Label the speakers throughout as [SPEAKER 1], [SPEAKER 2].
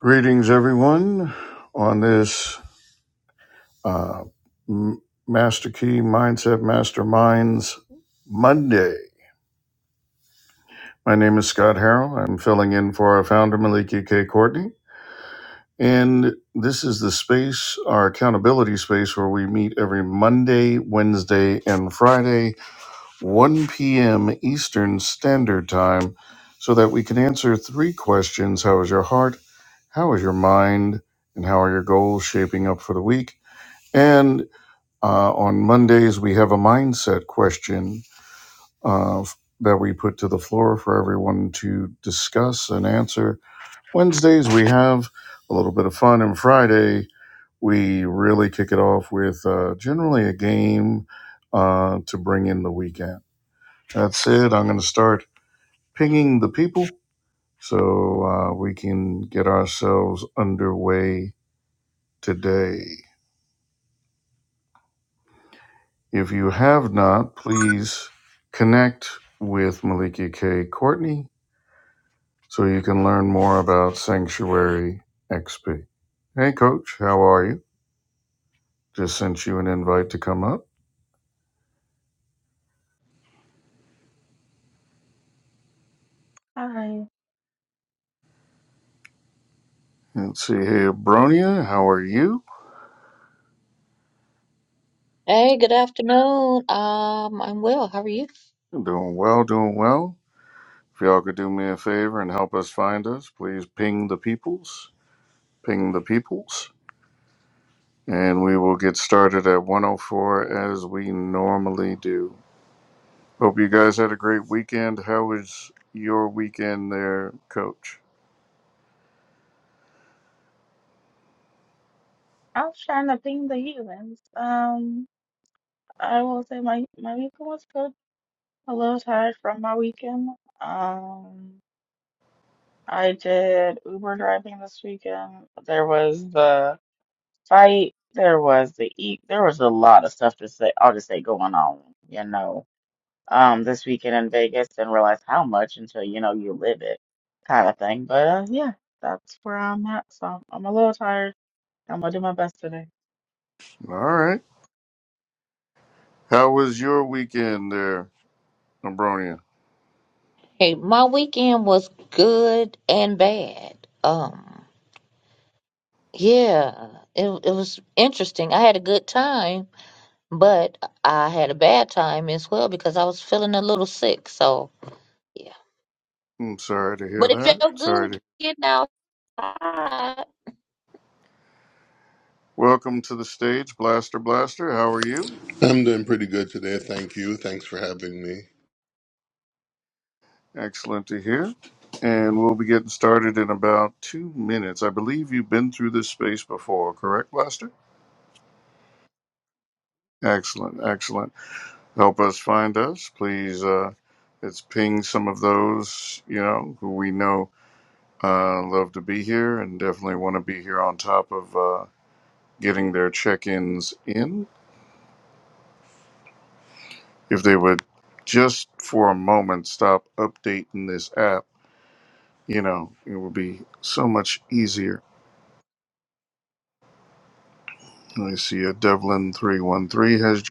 [SPEAKER 1] Greetings, everyone, on this uh, M- Master Key Mindset Masterminds Monday. My name is Scott Harrell. I'm filling in for our founder, Maliki K. Courtney. And this is the space, our accountability space, where we meet every Monday, Wednesday, and Friday, 1 p.m. Eastern Standard Time, so that we can answer three questions How is your heart? How is your mind? And how are your goals shaping up for the week? And uh, on Mondays, we have a mindset question uh, that we put to the floor for everyone to discuss and answer. Wednesdays, we have a little bit of fun. And Friday, we really kick it off with uh, generally a game uh, to bring in the weekend. That's it. I'm going to start pinging the people so uh, we can get ourselves underway today. If you have not, please connect with Malika K. Courtney so you can learn more about Sanctuary XP. Hey, Coach, how are you? Just sent you an invite to come up.
[SPEAKER 2] Hi,
[SPEAKER 1] Let's see here, Bronia, how are you?
[SPEAKER 3] Hey, good afternoon. Um, I'm well. How are you?
[SPEAKER 1] Doing well, doing well. If y'all could do me a favor and help us find us, please ping the peoples, ping the peoples, and we will get started at 104 as we normally do. Hope you guys had a great weekend. How was your weekend there, Coach?
[SPEAKER 2] I was trying to ping the humans. Um, I will say my my weekend was good. A little tired from my weekend. Um, I did Uber driving this weekend. There was the fight. There was the eat. There was a lot of stuff to say. I'll just say going on, you know. Um, this weekend in Vegas, didn't realize how much until you know you live it, kind of thing. But uh, yeah, that's where I'm at. So I'm a little tired. I'm gonna do my best today.
[SPEAKER 1] All right. How was your weekend there, Abronia?
[SPEAKER 3] Hey, my weekend was good and bad. Um, yeah, it it was interesting. I had a good time, but I had a bad time as well because I was feeling a little sick. So, yeah.
[SPEAKER 1] I'm sorry to hear
[SPEAKER 3] But it
[SPEAKER 1] that.
[SPEAKER 3] felt
[SPEAKER 1] Sorry
[SPEAKER 3] good
[SPEAKER 1] to.
[SPEAKER 3] getting outside.
[SPEAKER 1] Welcome to the stage, Blaster Blaster. How are you?
[SPEAKER 4] I'm doing pretty good today. Thank you. Thanks for having me.
[SPEAKER 1] Excellent to hear. And we'll be getting started in about two minutes. I believe you've been through this space before, correct, Blaster? Excellent, excellent. Help us find us, please. Uh, let's ping some of those you know who we know Uh, love to be here and definitely want to be here on top of uh, getting their check ins in. If they would just for a moment stop updating this app, you know, it would be so much easier. I see a Devlin313 has.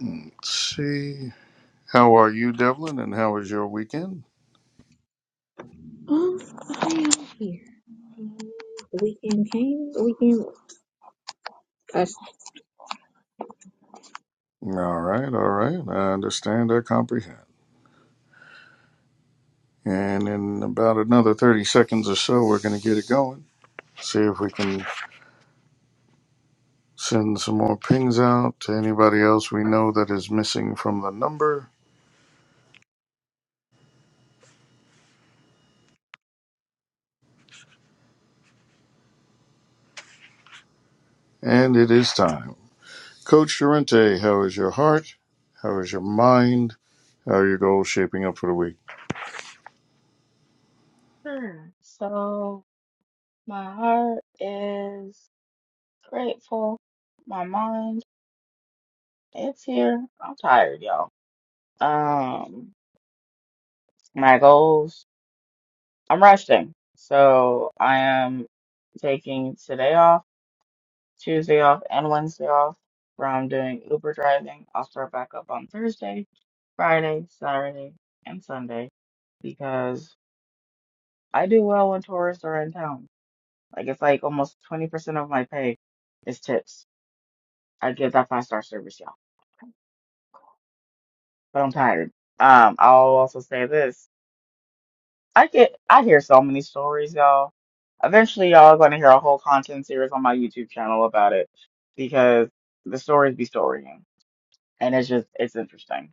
[SPEAKER 1] Let's see. How are you, Devlin, and how was your weekend?
[SPEAKER 5] Oh, I am here. Weekend came. Weekend was just
[SPEAKER 1] All right, all right. I understand, I comprehend. And in about another 30 seconds or so, we're going to get it going. See if we can Send some more pings out to anybody else we know that is missing from the number. And it is time. Coach Durante, how is your heart? How is your mind? How are your goals shaping up for the week?
[SPEAKER 2] Sure. So. My heart is grateful. My mind, it's here. I'm tired, y'all. Um, my goals, I'm resting. So I am taking today off, Tuesday off, and Wednesday off from doing Uber driving. I'll start back up on Thursday, Friday, Saturday, and Sunday because I do well when tourists are in town. Like it's like almost 20% of my pay is tips. I give that five star service, y'all. but I'm tired. Um, I'll also say this. I get I hear so many stories, y'all. Eventually y'all are gonna hear a whole content series on my YouTube channel about it because the stories be storying. And it's just it's interesting.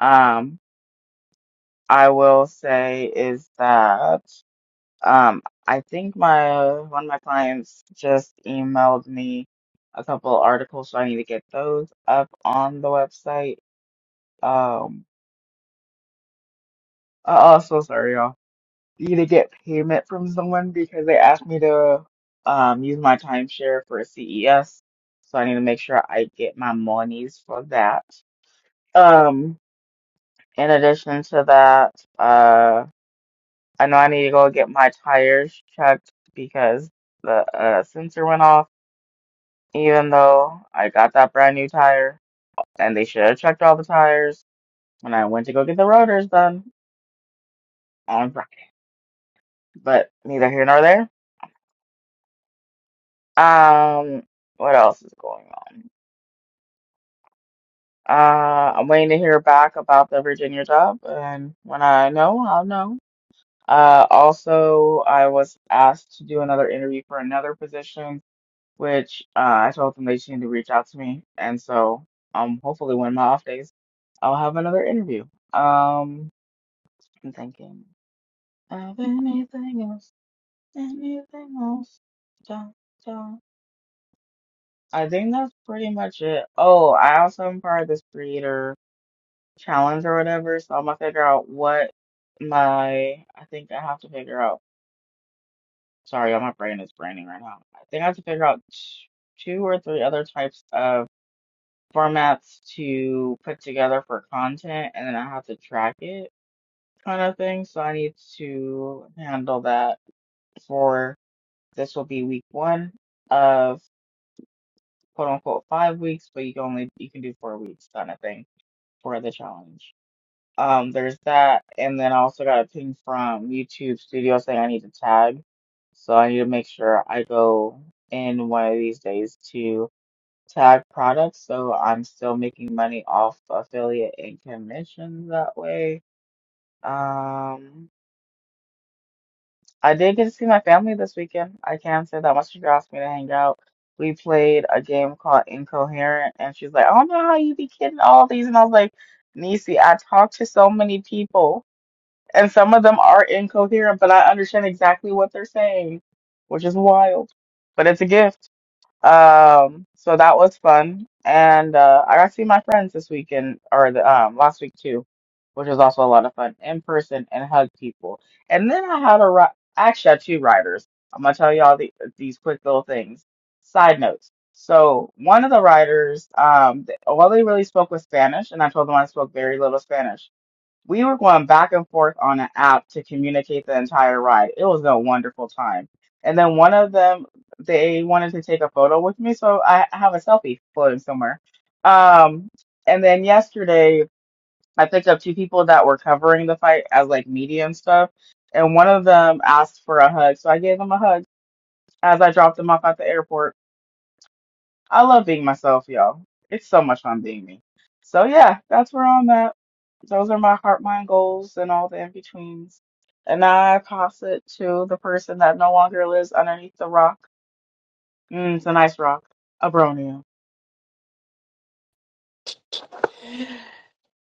[SPEAKER 2] Um, I will say is that um I think my one of my clients just emailed me a couple articles, so I need to get those up on the website. Um, uh, oh, so sorry, y'all. to get payment from someone because they asked me to um use my timeshare for CES. So I need to make sure I get my monies for that. Um, in addition to that, uh, I know I need to go get my tires checked because the uh, sensor went off, even though I got that brand new tire and they should have checked all the tires when I went to go get the rotors done on Friday. But neither here nor there. Um, what else is going on? Uh, I'm waiting to hear back about the Virginia job, and when I know, I'll know. Uh, also, I was asked to do another interview for another position, which uh, I told them they just need to reach out to me, and so um, hopefully when my off days, I'll have another interview. Um, I'm thinking of anything else, anything else. Don't, don't. I think that's pretty much it. Oh, I also am part of this creator. challenge or whatever. So I'm gonna figure out what my I think I have to figure out. Sorry, my brain is braining right now. I think I have to figure out t- two or three other types of formats to put together for content, and then I have to track it, kind of thing. So I need to handle that for this will be week one of quote unquote five weeks, but you can only you can do four weeks kind of thing for the challenge. Um, there's that, and then I also got a ping from YouTube Studio saying I need to tag, so I need to make sure I go in one of these days to tag products, so I'm still making money off affiliate and commissions that way. Um, I did get to see my family this weekend. I can say that much. She asked me to hang out. We played a game called Incoherent, and she's like, "I don't know how you be kidding all these," and I was like, "Niecy, I talked to so many people." and some of them are incoherent, but I understand exactly what they're saying, which is wild. But it's a gift. Um, so that was fun, and uh, I got to see my friends this weekend or the um last week too, which was also a lot of fun in person and hug people. And then I had a ri- actually I had two riders. I'm gonna tell y'all the, these quick little things. Side notes. So one of the riders, um, th- well, they really spoke with Spanish, and I told them I spoke very little Spanish we were going back and forth on an app to communicate the entire ride. It was a wonderful time. And then one of them, they wanted to take a photo with me, so I I have a selfie floating somewhere. Um, and then yesterday, I picked up two people that were covering the fight as like media and stuff. And one of them asked for a hug, so I gave them a hug as I dropped them off at the airport. I love being myself, y'all. It's so much fun being me. So yeah, that's where I'm at. Those are my heart mind goals and all the in betweens. And now I pass it to the person that no longer lives underneath the rock. Mm, it's a nice rock. Abronia.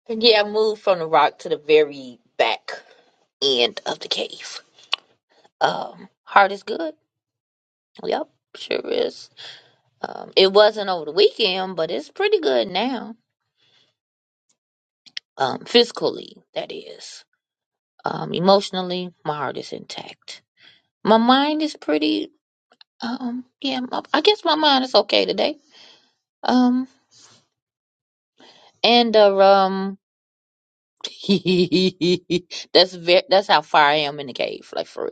[SPEAKER 3] And yeah, I moved from the rock to the very back end of the cave. Um, heart is good. Yep, sure is. Um, it wasn't over the weekend, but it's pretty good now. Um, physically, that is. Um, emotionally, my heart is intact. My mind is pretty. Um, yeah, my, I guess my mind is okay today. Um, and uh, um, that's very, that's how far I am in the cave, like for real.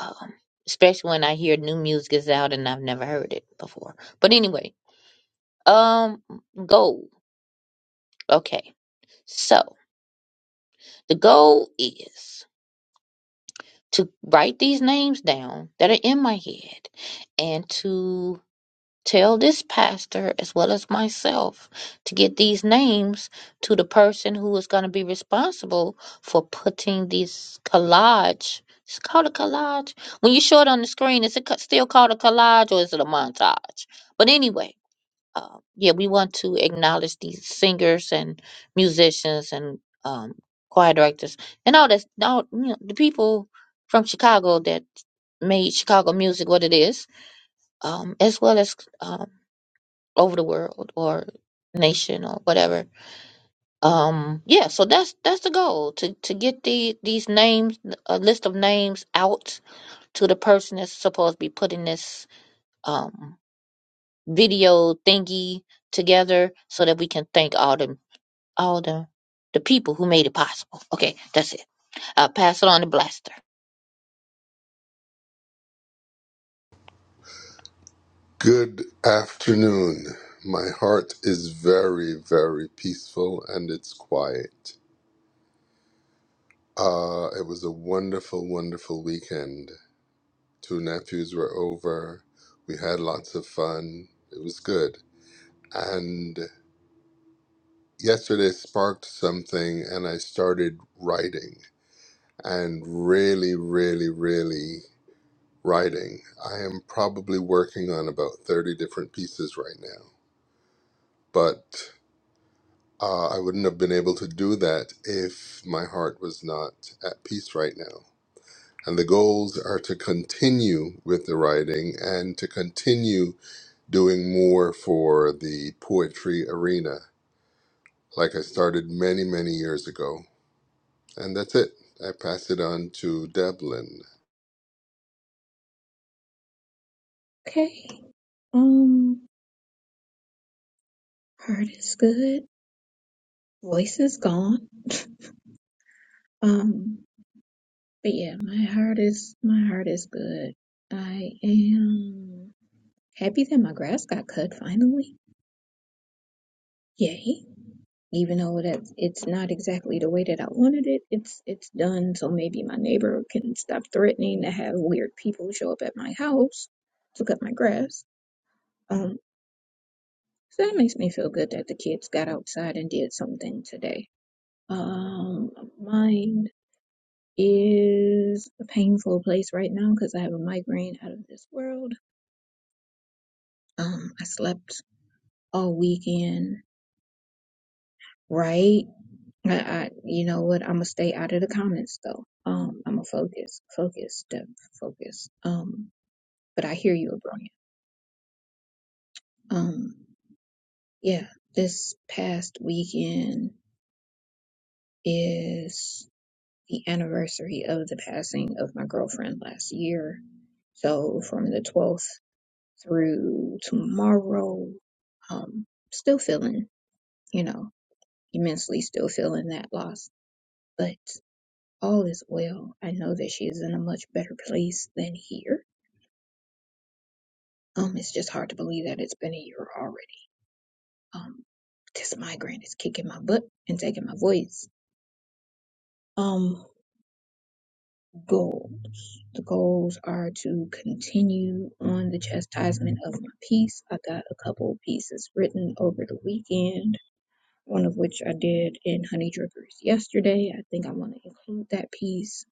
[SPEAKER 3] Um, especially when I hear new music is out and I've never heard it before. But anyway, um, goal. Okay, so the goal is. to write these names down that are in my head and to tell this pastor as well as myself to get these names to the person who is going to be responsible for putting this collage it's called a collage when you show it on the screen is it ca- still called a collage or is it a montage but anyway uh, yeah, we want to acknowledge these singers and musicians and um, choir directors and all that, all you know, the people from Chicago that made Chicago music what it is, um, as well as um, over the world or nation or whatever. Um, yeah, so that's that's the goal to to get the these names, a list of names out to the person that's supposed to be putting this um, video thingy together, so that we can thank all the all the the people who made it possible. Okay, that's it. I'll pass it on to Blaster.
[SPEAKER 4] Good afternoon. My heart is very, very peaceful and it's quiet. Uh, it was a wonderful, wonderful weekend. Two nephews were over. We had lots of fun. It was good. And yesterday sparked something, and I started writing and really, really, really Writing. I am probably working on about 30 different pieces right now, but uh, I wouldn't have been able to do that if my heart was not at peace right now. And the goals are to continue with the writing and to continue doing more for the poetry arena, like I started many, many years ago. And that's it. I pass it on to Devlin.
[SPEAKER 5] okay. Um, heart is good. Voice is gone. Um, but yeah, my heart is my heart is good. I am happy that my grass got cut finally. Yay! Even though that it's not exactly the way that I wanted it, it's it's done. So maybe my neighbor can stop threatening to have weird people show up at my house to cut my grass. Um. So that makes me feel good that the kids got outside and did something today. Um, mine is a painful place right now because I have a migraine out of this world. Um, I slept all weekend, right? I, I you know what? I'm gonna stay out of the comments though. Um, I'm gonna focus, focus, Deb, focus. Um, but I hear you, Abronia. Um, yeah, this past weekend is. the anniversary of the passing of my girlfriend last year. So from the 12th through tomorrow, um, still feeling, you know, immensely still feeling that loss, but all is well. I know that she is in a much better place than here. Um, it's just hard to believe that it's been a year already. Um, this migraine is kicking my butt and taking my voice. Um. goals. The goals are to continue on the chastisement of my piece. I got a couple pieces written over the weekend, one of which I did in Honey Drippers yesterday. I think I want to include that piece.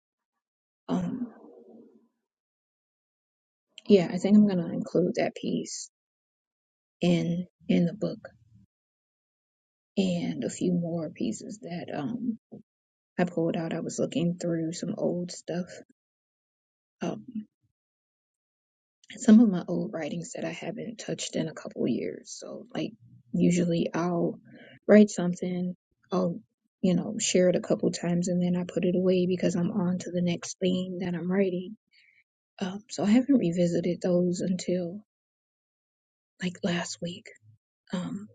[SPEAKER 5] Um, yeah, I think I'm gonna include that piece in in the book and a few more pieces that um I pulled out. I was looking through some old stuff. um some of my old writings that I haven't touched in a couple years. So, like, usually I'll write something, I'll, you know, share it a couple times, and then I put it away because I'm on to the next thing that I'm writing. Um, so, I haven't revisited those until like last week. Um,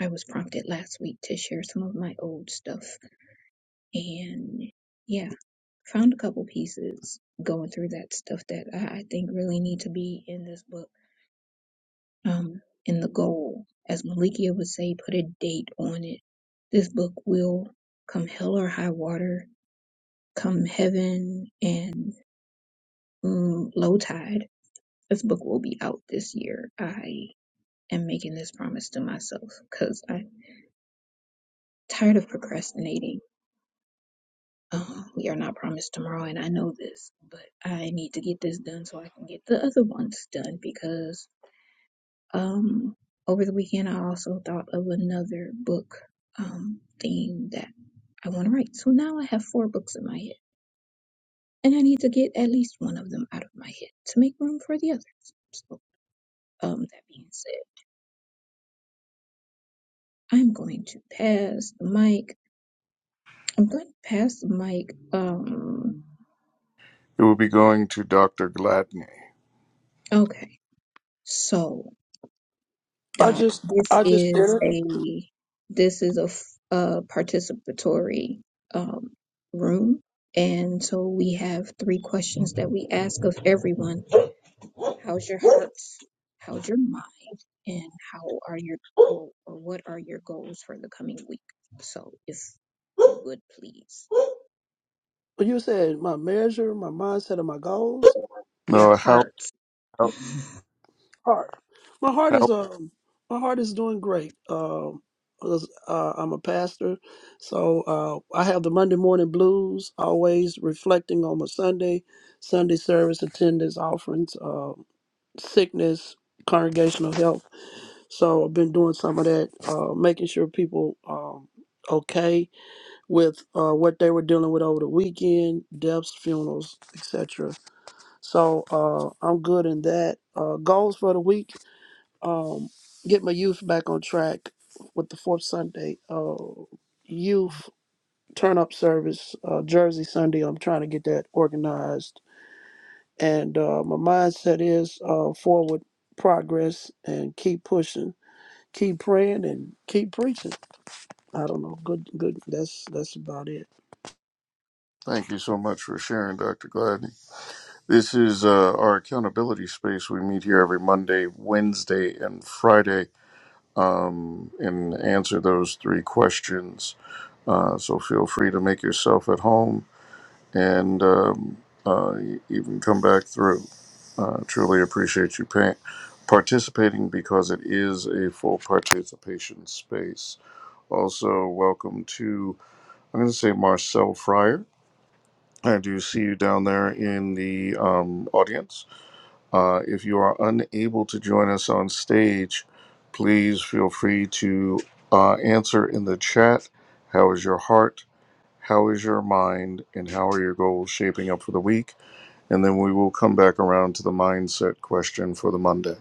[SPEAKER 5] I was prompted last week to share some of my old stuff, and yeah, found a couple pieces going through that stuff that I, I think really need to be in this book um, and the goal. As Malikia would say, put a date on it. This book will come hell or high water, come heaven and mm, low tide. This book will be out this year. I am making this promise to myself because I'm tired of procrastinating. Um, we are not promised tomorrow, and I know this, but I need to get this done so I can get the other ones done because Um, over the weekend, I also thought of another book um, theme that I want to write. So now I have four books in my head, and I need to get at least one of them out of my head to make room for the others. So, um, that being said, I'm going to pass the mic. I'm going to pass the mic. Um,
[SPEAKER 1] It will be going to Dr. Gladney.
[SPEAKER 5] okay. So
[SPEAKER 6] I
[SPEAKER 5] Doc,
[SPEAKER 6] just
[SPEAKER 5] this
[SPEAKER 6] I just did
[SPEAKER 5] is
[SPEAKER 6] it.
[SPEAKER 5] a this is a, f- a participatory um, room, and so we have three questions that we ask of everyone: How's your heart? How's your mind? And how are your goal, or what are your goals for the coming week? So, if you would please,
[SPEAKER 6] But you said my measure, my mindset, and my goals.
[SPEAKER 5] your
[SPEAKER 1] No, how,
[SPEAKER 5] heart.
[SPEAKER 1] how,
[SPEAKER 6] Heart. My heart is
[SPEAKER 1] how?
[SPEAKER 6] um my heart is doing great. Um 'cause, uh, I'm a pastor, so uh, I have the Monday morning blues. Always reflecting on my Sunday, Sunday service attendance, offerings, uh, sickness, congregational health. So I've been doing some of that, uh, making sure people um, okay with uh, what they were dealing with over the weekend, deaths, funerals, etc. So uh, I'm good in that. Uh, goals for the week: um, get my youth back on track with the fourth Sunday uh, youth turn up service, uh, Jersey Sunday. I'm trying to get that organized, and uh, my mindset is uh, forward progress and keep pushing, keep praying, and keep preaching. I don't know. Good, good. That's that's about it.
[SPEAKER 1] Thank you so much for sharing, Dr. Gladney. This is uh, our accountability space. We meet here every Monday, Wednesday, and Friday um, and answer those three questions. Uh, so feel free to make yourself at home and um, uh, e- even come back through. Uh, truly appreciate you pay- participating because it is a full participation space. Also, welcome to, I'm going to say Marcel Fryer. I do see you down there in the um, audience. Uh, if you are unable to join us on stage, please feel free to uh, answer in the chat. How is your heart? How is your mind? And how are your goals shaping up for the week? and then we will come back around to the mindset question for the Monday.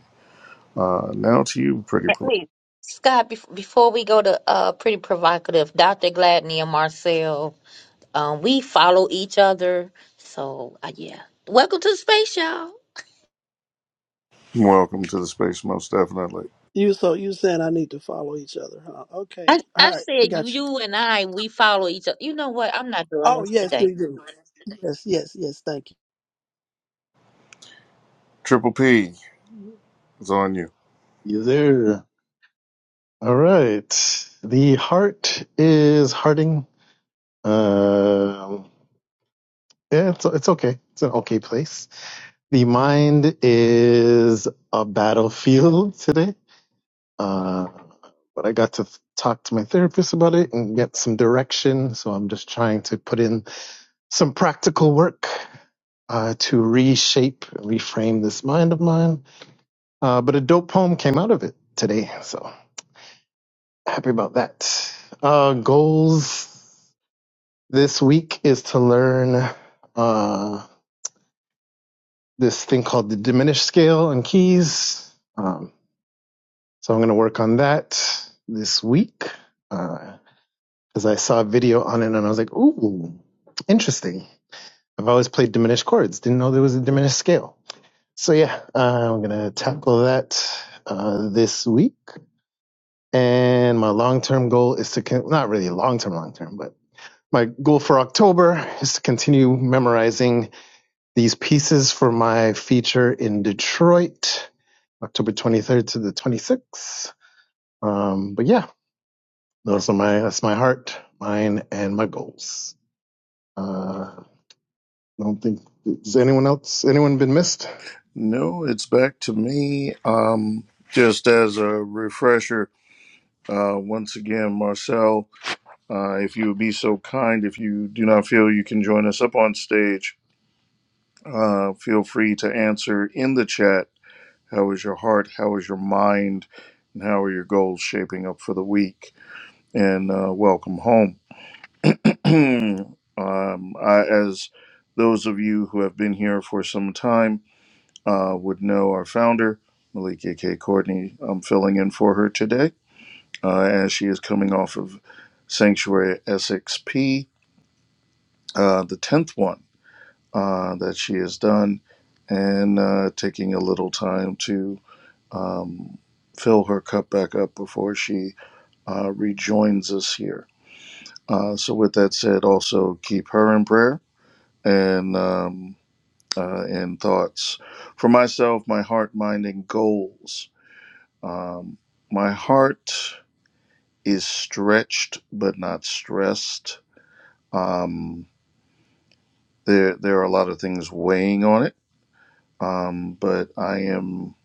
[SPEAKER 1] Uh, now to you, Pretty Pro.
[SPEAKER 3] Hey, Scott, bef- before we go to uh, pretty provocative, Dr. Gladney and Marcel, um, we follow each other. So, uh, yeah. Welcome to the space, y'all.
[SPEAKER 1] Welcome to the space, most definitely.
[SPEAKER 6] You so you saying I need to follow each other, huh?
[SPEAKER 3] I,
[SPEAKER 6] Okay. All
[SPEAKER 3] I
[SPEAKER 6] right. I
[SPEAKER 3] said you,
[SPEAKER 6] got you.
[SPEAKER 3] you and I, we follow each other. You know what? I'm not doing
[SPEAKER 6] Oh
[SPEAKER 3] this
[SPEAKER 6] yes,
[SPEAKER 3] today.
[SPEAKER 6] we do. Yes, yes, yes. Thank you.
[SPEAKER 1] Triple P, it's on you.
[SPEAKER 7] You there? All right. The heart is hearting. Um, yeah, it's it's okay. It's an okay place. The mind is a battlefield today. Uh, but I got to th- talk to my therapist about it and get some direction. So I'm just trying to put in some practical work uh, to reshape, reframe this mind of mine. Uh, but a dope poem came out of it today. So. happy about that. Uh, goals this week is to learn uh, this thing called the diminished scale and keys. Um, so I'm going to work on that this week because uh, I saw a video on it and I was like, ooh, interesting. I've always played diminished chords, didn't know there was a diminished scale. So yeah, uh, I'm going to tackle that uh, this week. And my long term goal is to, con- not really long term, long term, but my goal for October is to continue memorizing these pieces for my feature in Detroit, October 23rd to the 26th. Um, but yeah, those are my that's my heart, mine, and my goals. Uh, I don't think has anyone else anyone been missed.
[SPEAKER 1] No, it's back to me. Um, just as a refresher, uh, once again, Marcel, uh, if you would be so kind, if you do not feel you can join us up on stage, uh, feel free to answer in the chat. How is your heart? How is your mind? And how are your goals shaping up for the week? and uh, welcome home. um, I, as those of you who have been here for some time uh, would know, our founder, Malika K. Courtney, I'm filling in for her today uh, as she is coming off of Sanctuary SXP, uh, the 10th one uh, that she has done, and uh, taking a little time to um, fill her cup back up before she uh, rejoins us here. Uh, so, with that said, also keep her in prayer and um, uh, in thoughts. For myself, my heart, mind, and goals. Um, my heart is stretched but not stressed. Um, there, there are a lot of things weighing on it, um, but I am,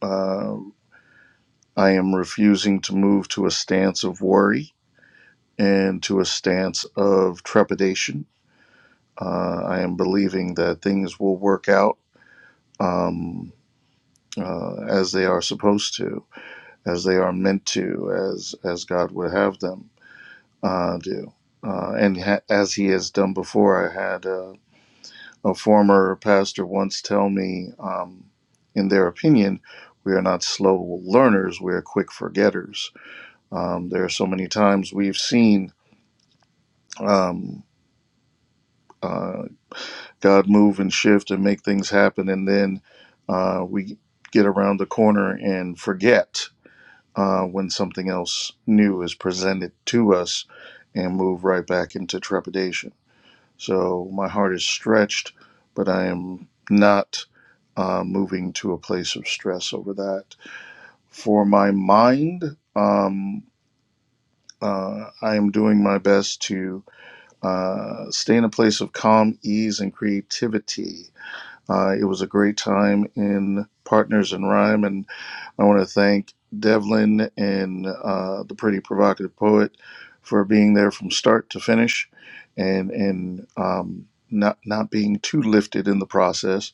[SPEAKER 1] uh, I am refusing to move to a stance of worry and to a stance of trepidation. Uh, I am believing that things will work out um, uh, as they are supposed to, as they are meant to, as as God would have them uh, do, uh, and ha- as He has done before. I had a, a former pastor once tell me, um, in their opinion, we are not slow learners; we are quick forgetters. Um, there are so many times we've seen. Um, uh, God move and shift and make things happen, and then uh, we get around the corner and forget uh, when something else new is presented to us and move right back into trepidation. So my heart is stretched, but I am not uh, moving to a place of stress over that. For my mind, um, uh, I am doing my best to uh, stay in a place of calm, ease, and creativity. Uh, it was a great time in Partners in Rhyme, and I want to thank Devlin and uh, the pretty provocative poet for being there from start to finish, and and um, not not being too lifted in the process.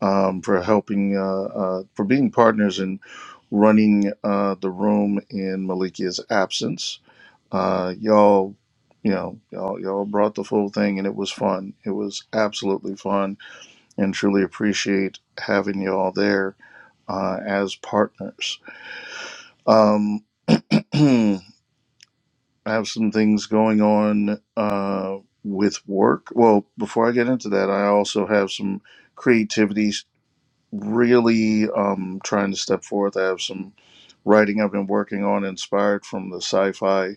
[SPEAKER 1] Um, for helping uh, uh, for being partners in running uh, the room in Malikia's absence. Uh, y'all, you know, y'all y'all brought the full thing, and it was fun. It was absolutely fun, and truly appreciate having y'all there uh, as partners. Um, I have some things going on uh, with work. Well, before I get into that, I also have some creativity s- really um, trying to step forth. I have some writing I've been working on inspired from the sci fi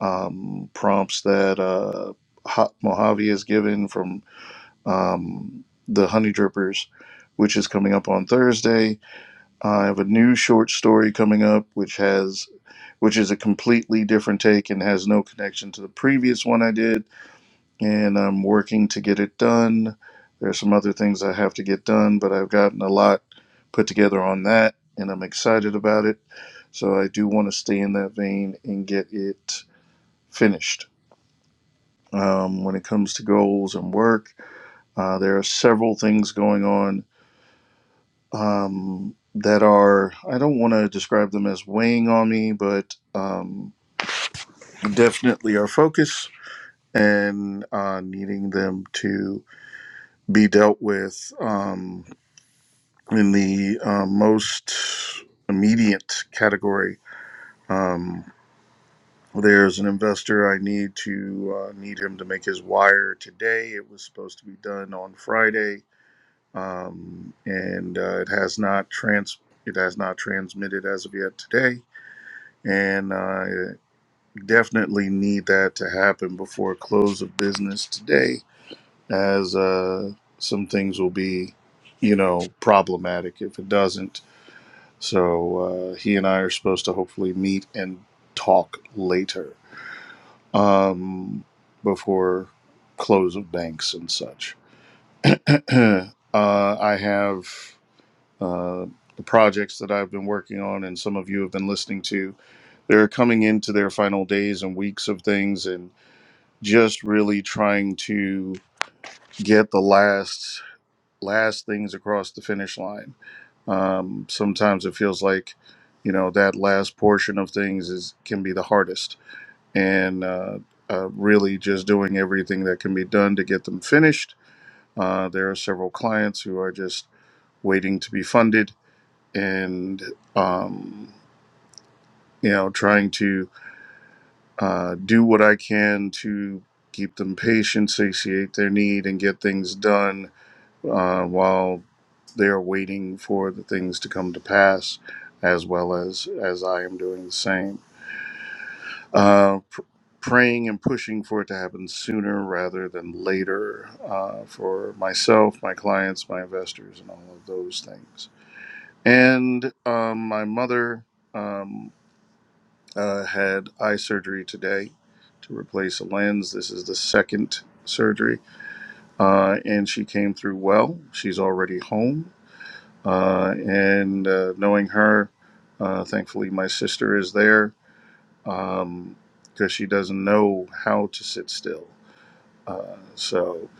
[SPEAKER 1] um, prompts that uh, Ho- Mojave has given from um, the Honey Drippers, which is coming up on Thursday I have a new short story coming up, which has, which is a completely different take and has no connection to the previous one I did. And I'm working to get it done. There's some other things I have to get done, but I've gotten a lot put together on that, and I'm excited about it. So I do want to stay in that vein and get it finished. Um, when it comes to goals and work, uh, there are several things going on um, that are, I don't want to describe them as weighing on me, but um, definitely are focus and uh, needing them to be dealt with um, in the uh, most immediate category. Um, there's an investor I need to uh, need him to make his wire today. It was supposed to be done on Friday, um, and uh, it has not trans it has not transmitted as of yet today and I definitely need that to happen before close of business today, as uh, some things will be, you know, problematic if it doesn't. So uh, he and I are supposed to hopefully meet and talk later um, before close of banks and such. uh, I have uh, the projects that I've been working on, and some of you have been listening to They're coming into their final days and weeks of things and just really trying to get the last last things across the finish line. Um, sometimes it feels like, you know, that last portion of things is can be the hardest, and uh, uh, really just doing everything that can be done to get them finished. Uh, there are several clients who are just waiting to be funded, and um, you know, trying to uh, do what I can to keep them patient, satiate their need, and get things done uh, while they are waiting for the things to come to pass, as well as as I am doing the same. Uh, pr- praying and pushing for it to happen sooner rather than later uh, for myself, my clients, my investors, and all of those things. And um, my mother. Um, uh, had eye surgery today to replace a lens. This is the second surgery, uh, and she came through well. She's already home, uh, and uh, knowing her, uh, thankfully my sister is there because she doesn't know how to sit still. Uh, so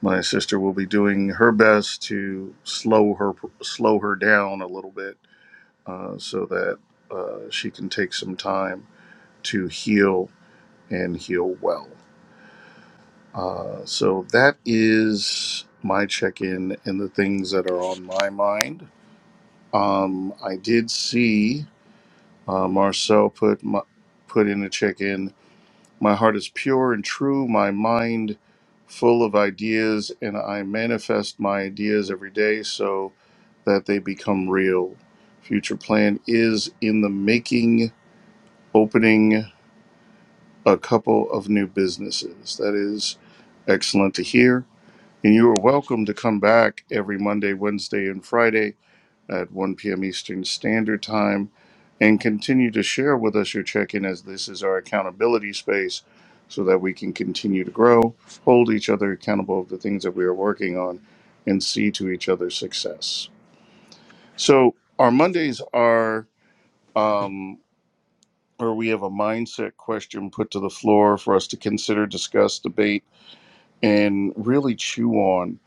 [SPEAKER 1] my sister will be doing her best to slow her slow her down a little bit uh, so that uh, she can take some time to heal and heal well. Uh, so that is my check in and the things that are on my mind. Um, I did see uh, Marcel put my, put in a check in. My heart is pure and true. My mind full of ideas, and I manifest my ideas every day so that they become real. Future plan is in the making. Opening a couple of new businesses. That is excellent to hear And you are welcome to come back every Monday, Wednesday, and Friday at 1 p.m. Eastern Standard Time and continue to share with us your check in as this is our accountability space so that we can continue to grow, hold each other accountable of the things that we are working on, and see to each other's success. So, our Mondays are. Um, where we have a mindset question put to the floor for us to consider, discuss, debate, and really chew on.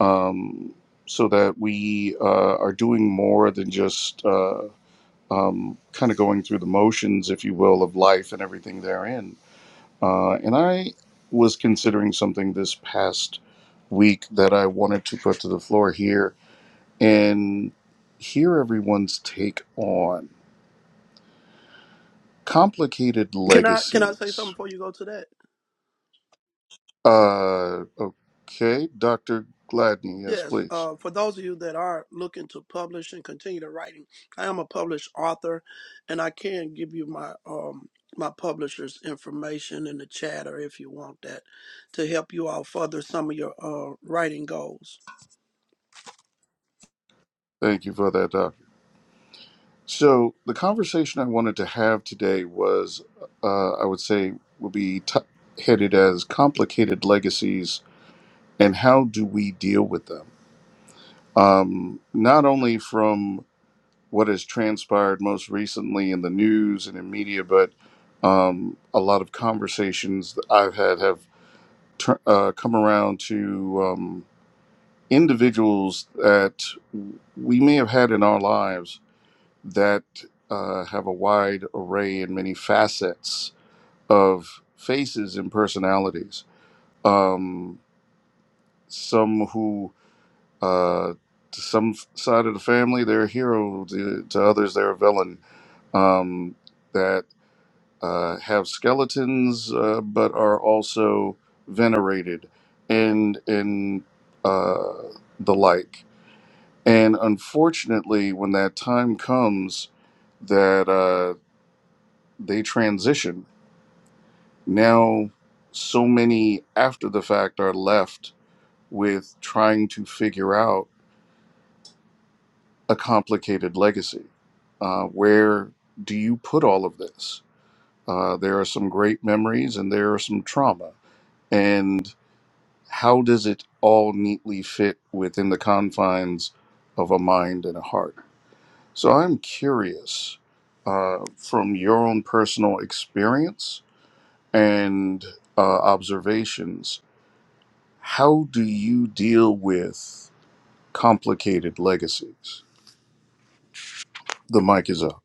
[SPEAKER 1] um, so that we uh, are doing more than just uh, um, kind of going through the motions, if you will, of life and everything therein. Uh, and I was considering something this past week that I wanted to put to the floor here and hear everyone's take on complicated
[SPEAKER 6] Can I can I say something
[SPEAKER 1] legacies.
[SPEAKER 6] before you go to that?
[SPEAKER 1] Uh, okay, Dr. Gladney, yes,
[SPEAKER 6] Yes.
[SPEAKER 1] please.
[SPEAKER 6] Uh, for those of you that are looking to publish and continue the writing, I am a published author, and I can give you my um my publisher's information in the chat or if you want that to help you all further some of your uh writing goals.
[SPEAKER 1] Thank you for that, Doc. So the conversation I wanted to have today was, uh, I would say, will be t- headed as complicated legacies and how do we deal with them? Um, not only from what has transpired most recently in the news and in media, but um, a lot of conversations that I've had have tur uh, come around to um, individuals that we may have had in our lives that uh, have a wide array and many facets of faces and personalities. Um, some who, uh, to some f- side of the family, they're a hero, to, to others, they're a villain, um, that uh, have skeletons uh, but are also venerated and, and uh, the like. And unfortunately, when that time comes, that uh, they transition. Now, so many after the fact are left with trying to figure out a complicated legacy. Uh, where do you put all of this? Uh, there are some great memories and there are some trauma. And how does it all neatly fit within the confines of a mind and a heart? So I'm curious uh, from your own personal experience and uh, observations How do you deal with complicated legacies? The mic is up.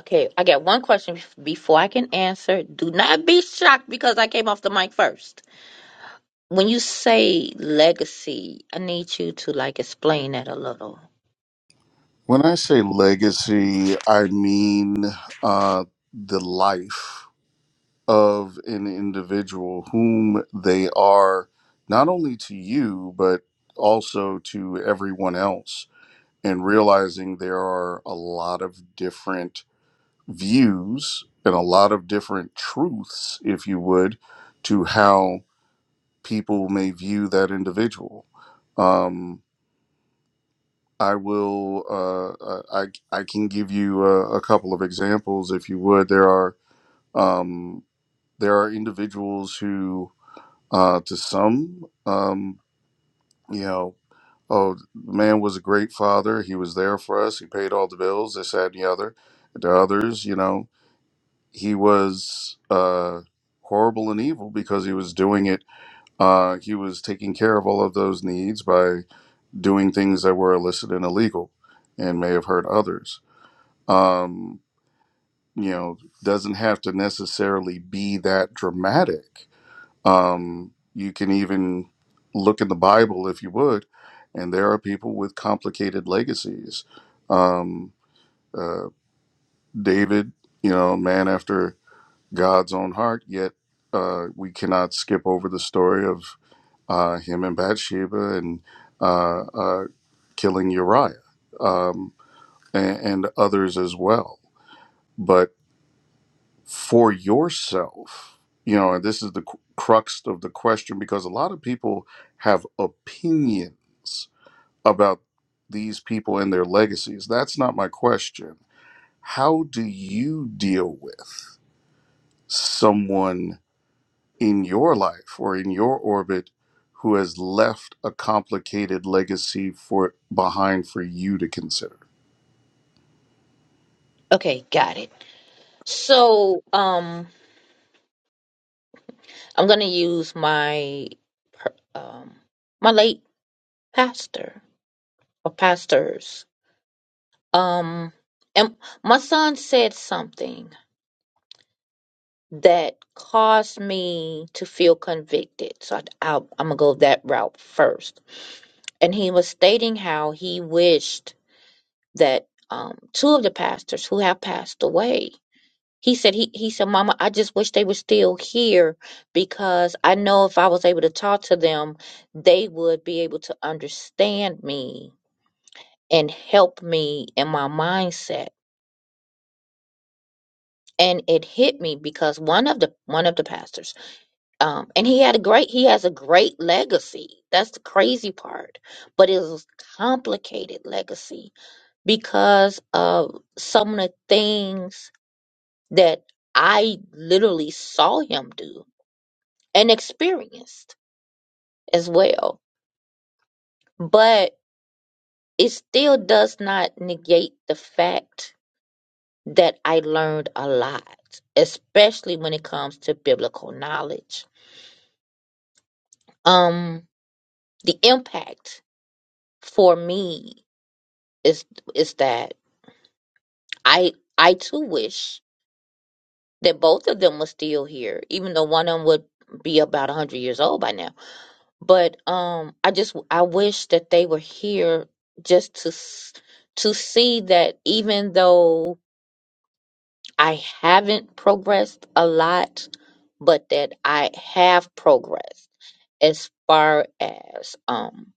[SPEAKER 3] Okay, I got one question bef- before I can answer. Do not be shocked because I came off the mic first. When you say legacy, I need you to like explain that a little.
[SPEAKER 1] When I say legacy, I mean uh, the life of an individual, whom they are not only to you, but also to everyone else, and realizing there are a lot of different views and a lot of different truths, if you would, to how people may view that individual. Um, I will. Uh, uh, I I can give you a, a couple of examples if you would. There are um, there are individuals who, uh, to some, um, you know, oh, the man was a great father. He was there for us. He paid all the bills. This, that, and the other. To others, you know, he was uh, horrible and evil because he was doing it. Uh, he was taking care of all of those needs by. doing things that were illicit and illegal and may have hurt others. Um, you know, doesn't have to necessarily be that dramatic. Um, you can even look in the Bible if you would, and there are people with complicated legacies. Um, uh, David, you know, man after God's own heart, yet uh, we cannot skip over the story of uh, him and Bathsheba and uh, uh, killing Uriah. Um, and, and others as well. But for yourself, you know, and this is the cru- crux of the question because a lot of people have opinions about these people and their legacies. That's not my question. How do you deal with someone in your life or in your orbit who has left a complicated legacy for behind for you to consider?
[SPEAKER 3] Okay, got it. So, um, I'm gonna use my per- um my late pastor or pastors Um, and my son said something that caused me to feel convicted. So I, I'll, I'm gonna go that route first. And he was stating how he wished that um two of the pastors who have passed away. He said he he said, "Mama, I just wish they were still here because I know if I was able to talk to them, they would be able to understand me and help me in my mindset." and it hit me because one of the one of the pastors um and he had a great he has a great legacy that's the crazy part but it was complicated legacy because of some of the things that i literally saw him do and experienced as well but it still does not negate the fact that i learned a lot especially when it comes to biblical knowledge um the impact for me is is that I I too wish that both of them were still here, even though one of them would be about a hundred years old by now. But um, I just I wish that they were here just to s- to see that even though I haven't progressed a lot, but that I have progressed as far as um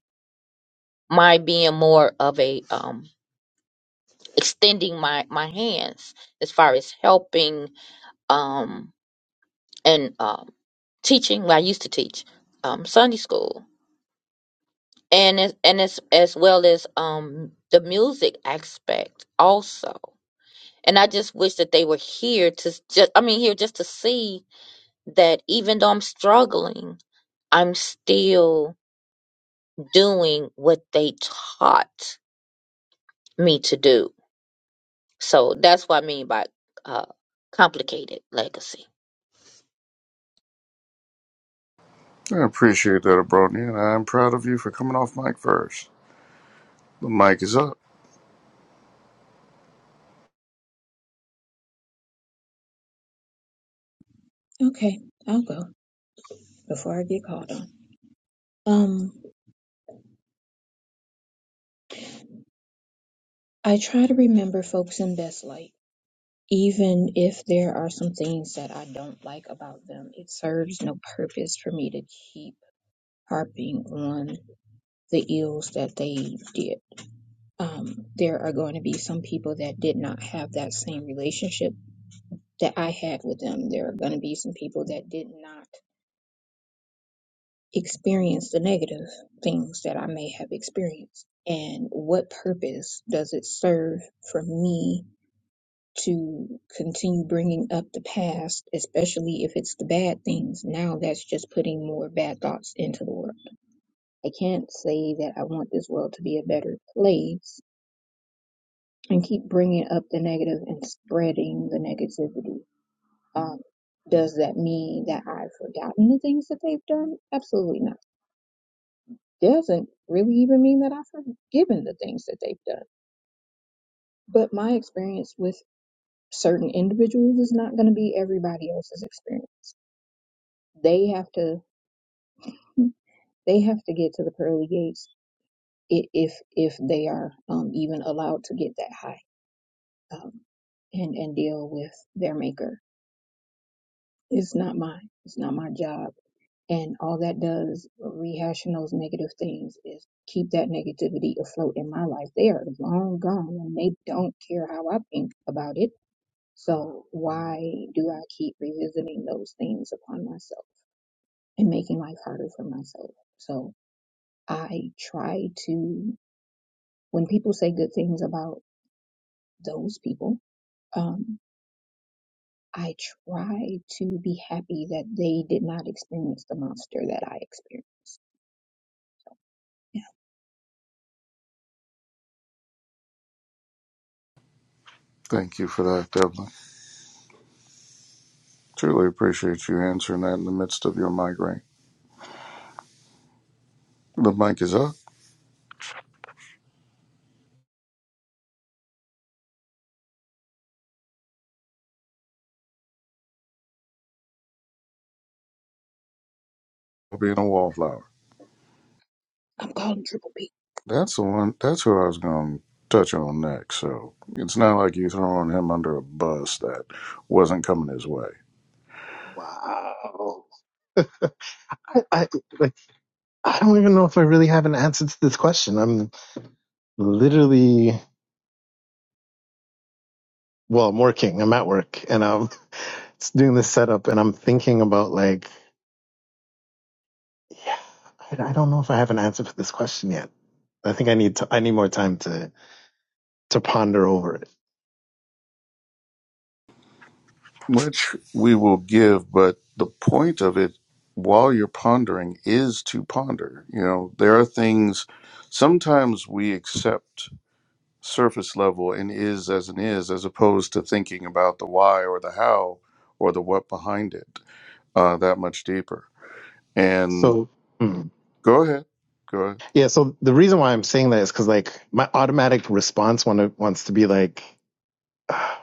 [SPEAKER 3] my being more of a um extending my my hands as far as helping um and um teaching well, I used to teach um Sunday school and as, and as as well as um the music aspect also and I just wish that they were here to just I mean here just to see that even though I'm struggling I'm still doing what they taught me to do so that's what I mean by uh complicated legacy
[SPEAKER 1] I appreciate that, Abronia, and I'm proud of you for coming off mic first. The mic is up.
[SPEAKER 5] Okay, I'll go before I get called on. Um, I try to remember folks in best light. even if there are some things that I don't like about them, it serves no purpose for me to keep harping on the ills that they did. Um, there are going to be some people that did not have that same relationship that I had with them. There are going to be some people that did not experience the negative things that I may have experienced. And what purpose does it serve for me to continue bringing up the past, especially if it's the bad things. Now that's just putting more bad thoughts into the world. I can't say that I want this world to be a better place and keep bringing up the negative and spreading the negativity. Um, does that mean that I've forgotten the things that they've done? Absolutely not. Doesn't really even mean that I've forgiven the things that they've done. But my experience with certain individuals is not going to be everybody else's experience They have to they have to get to the pearly gates i- if if they are um, even allowed to get that high um, and and deal with their maker. It's not mine. It's not my job. And all that does rehashing those negative things is keep that negativity afloat in my life. They are long gone and they don't care how I think about it. So why do I keep revisiting those things upon myself and making life harder for myself? So I try to, when people say good things about those people, um, I try to be happy that they did not experience the monster that I experienced. Yeah,
[SPEAKER 1] Thank you for that, Devlin. Truly appreciate you answering that in the midst of your migraine. The mic is up. Being a wallflower.
[SPEAKER 5] I'm calling Triple P.
[SPEAKER 1] That's the one. That's who I was going to touch on next. So it's not like you throwing him under a bus that wasn't coming his way,
[SPEAKER 7] Wow. I, I like I don't even know if I really have an answer to this question. I'm literally well, I'm working. I'm at work, and I'm doing this setup, and I'm thinking about like, yeah, I, I don't know if I have an answer for this question yet. I think I need to, I need more time to to ponder over it.
[SPEAKER 1] which we will give. But the point of it, while you're pondering, is to ponder. You know, there are things. Sometimes we accept surface level and is as an is, as opposed to thinking about the why or the how or the what behind it uh, that much deeper. And
[SPEAKER 7] So hmm.
[SPEAKER 1] go ahead, go ahead.
[SPEAKER 7] yeah, so the reason why I'm saying that is because like my automatic response want to, wants to be like, ah,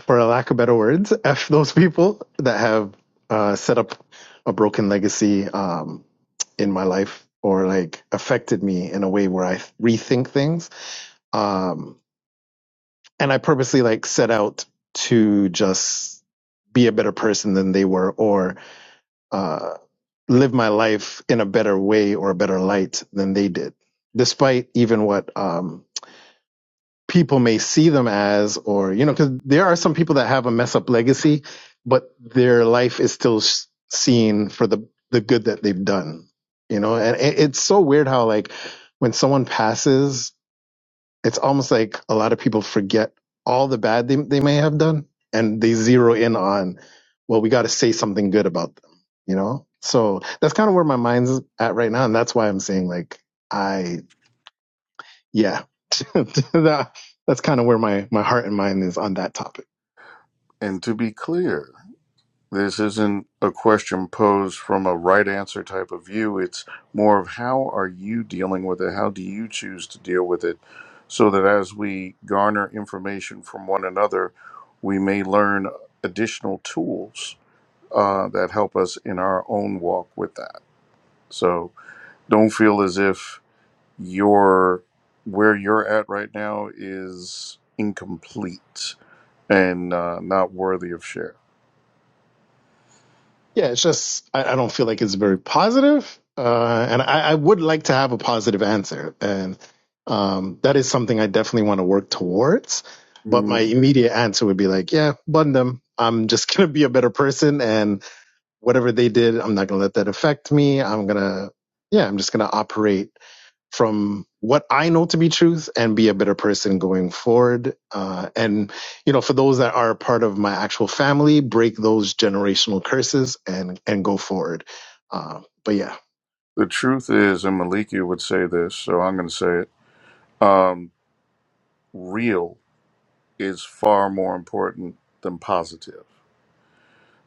[SPEAKER 7] for a lack of better words, f those people that have uh, set up a broken legacy um, in my life or like affected me in a way where I rethink things. Um, and I purposely like set out to just be a better person than they were or uh, live my life in a better way or a better light than they did, despite even what um, people may see them as, or, you know, because there are some people that have a mess up legacy, but their life is still s- seen for the, the good that they've done, you know, and it, it's so weird how, like, when someone passes, it's almost like a lot of people forget all the bad they, they may have done and they zero in on well we got to say something good about them you know so that's kind of where my mind's at right now and that's why i'm saying like i yeah that, that's kind of where my my heart and mind is on that topic
[SPEAKER 1] And to be clear, this isn't a question posed from a right answer type of view. It's more of how are you dealing with it? How do you choose to deal with it? So that as we garner information from one another, we may learn additional tools uh, that help us in our own walk with that. So don't feel as if your where you're at right now is incomplete and uh, not worthy of share.
[SPEAKER 7] Yeah, it's just I, I don't feel like it's very positive, uh, and I, I would like to have a positive answer, and um, that is something I definitely want to work towards. But my
[SPEAKER 1] Mm,
[SPEAKER 7] immediate answer would be like, yeah, bun them. I'm just gonna be a better person, and whatever they did, I'm not gonna let that affect me. I'm gonna, yeah, I'm just gonna operate from what I know to be truth and be a better person going forward. Uh, and, you know, for those that are a part of my actual family, break those generational curses and, and go forward. Uh, but yeah.
[SPEAKER 1] The truth is, and Maliki would say this, so I'm going to say it. Um, real is far more important than positive.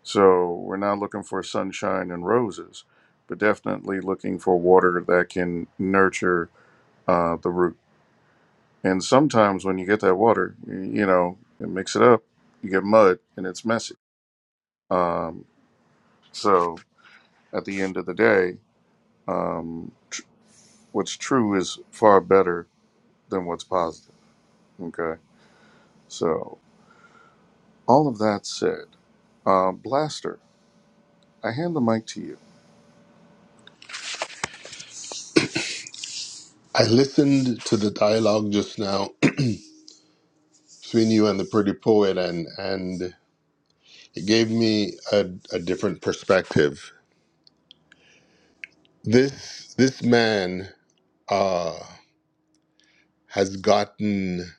[SPEAKER 1] So we're not looking for sunshine and roses, but definitely looking for water that can nurture uh, the root. And sometimes when you get that water, you know, and mix it up, you get mud and it's messy. Um, so at the end of the day, what's true is far better than what's positive. Okay. So all of that said, uh, Blaster, I hand the mic to you.
[SPEAKER 4] I listened to the dialogue just now between you and the pretty poet, and and It gave me a, a different perspective. This this man uh, has gotten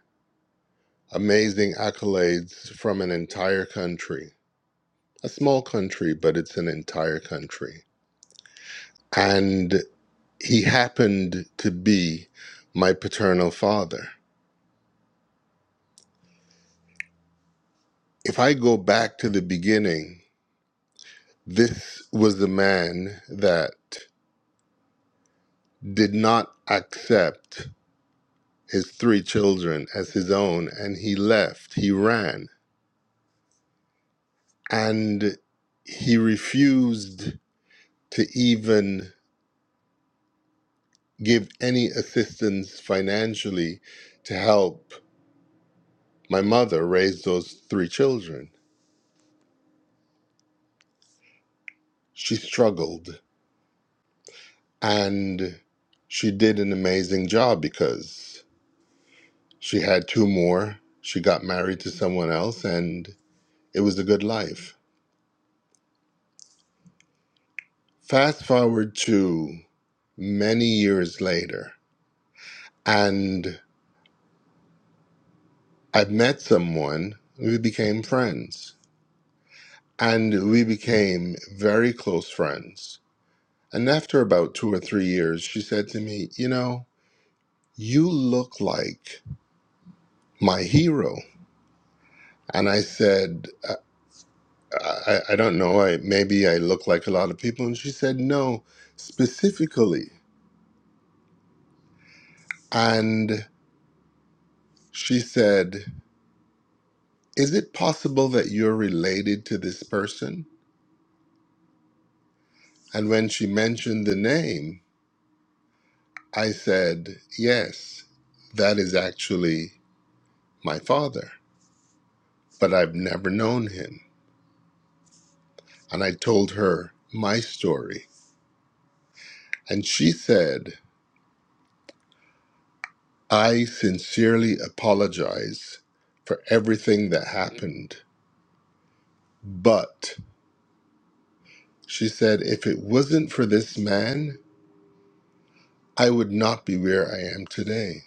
[SPEAKER 4] amazing accolades from an entire country, a small country, but it's an entire country, and he happened to be my paternal father. If I go back to the beginning, this was the man that did not accept his three children as his own and he left. He ran. And he refused to even give any assistance financially to help my mother raise those three children. She struggled and she did an amazing job because she had two more. She got married to someone else and it was a good life. Fast forward to many years later, and I met someone, we became friends, and we became very close friends. And after about two or three years, she said to me, You know, you look like my hero. And I said, I, I, I don't know, I, maybe I look like a lot of people. And she said, No, specifically. And she said, Is it possible that you're related to this person? And when she mentioned the name, I said, Yes, that is actually my father, but I've never known him. And I told her my story. And she said, I sincerely apologize for everything that happened. But she said, if it wasn't for this man, I would not be where I am today.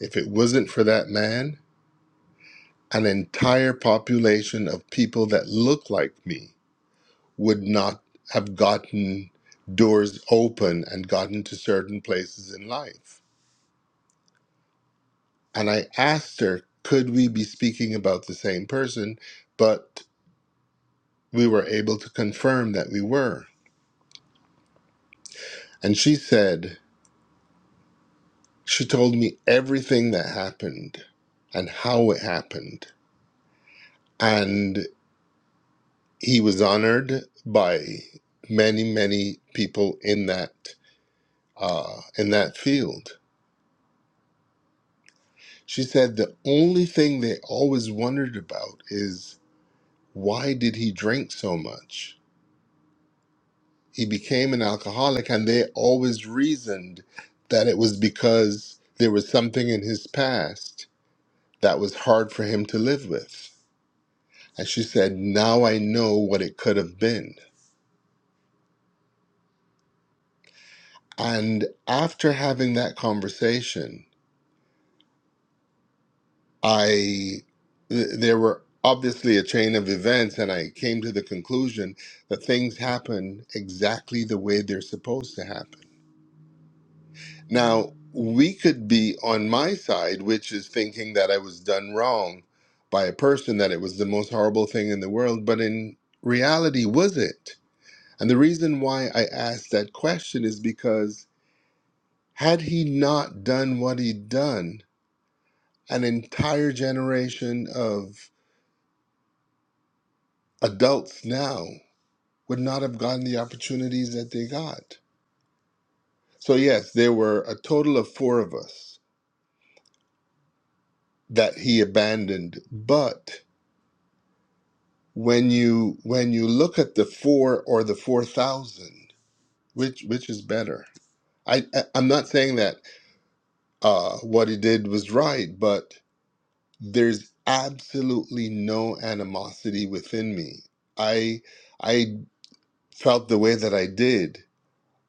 [SPEAKER 4] If it wasn't for that man, an entire population of people that look like me would not have gotten doors open and gotten to certain places in life. And I asked her, could we be speaking about the same person? But we were able to confirm that we were. And she said, she told me everything that happened and how it happened. And he was honored by many, many people in that uh, in that field She said the only thing they always wondered about is why did he drink so much? He became an alcoholic and they always reasoned that it was because there was something in his past that was hard for him to live with. And she said, "Now I know what it could have been." And after having that conversation, I th- there were obviously a chain of events, and I came to the conclusion that things happen exactly the way they're supposed to happen. Now, we could be on my side, which is thinking that I was done wrong by a person, that it was the most horrible thing in the world, but in reality, was it? And the reason why I asked that question is because had he not done what he'd done, an entire generation of adults now would not have gotten the opportunities that they got. So, yes, there were a total of four of us that he abandoned. But when you when you look at the four or the four thousand, which which is better? I, I I'm not saying that uh, what he did was right, but there's absolutely no animosity within me. I I felt the way that I did,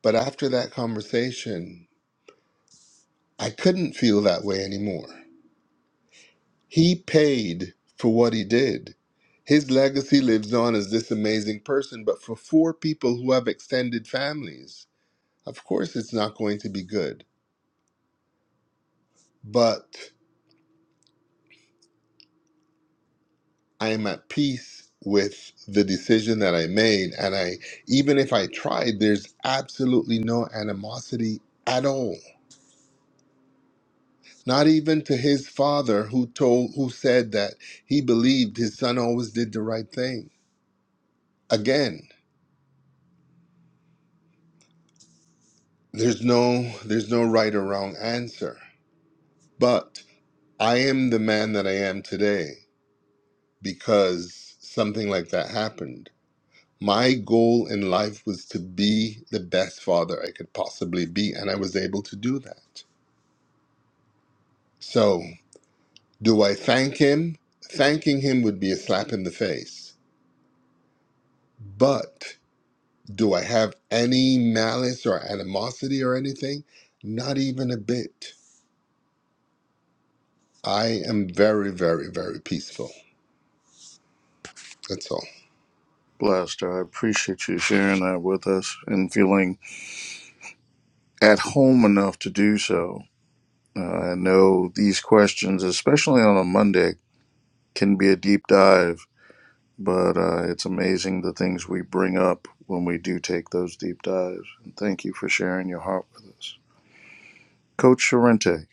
[SPEAKER 4] but after that conversation, I couldn't feel that way anymore. He paid for what he did. His legacy lives on as this amazing person, but for four people who have extended families, of course it's not going to be good. But I am at peace with the decision that I made. And I, even if I tried, there's absolutely no animosity at all. Not even to his father who told, who said that he believed his son always did the right thing. Again, There's no there's no right or wrong answer. But I am the man that I am today because something like that happened. My goal in life was to be the best father I could possibly be and I was able to do that. So, do I thank him? Thanking him would be a slap in the face. But do I have any malice or animosity or anything? Not even a bit. I am very, very, very peaceful. That's all.
[SPEAKER 1] Blaster, I appreciate you sharing that with us and feeling at home enough to do so. Uh, I know these questions, especially on a Monday, can be a deep dive but uh, it's amazing the things we bring up when we do take those deep dives. And thank you for sharing your heart with us, Coach Sorrente.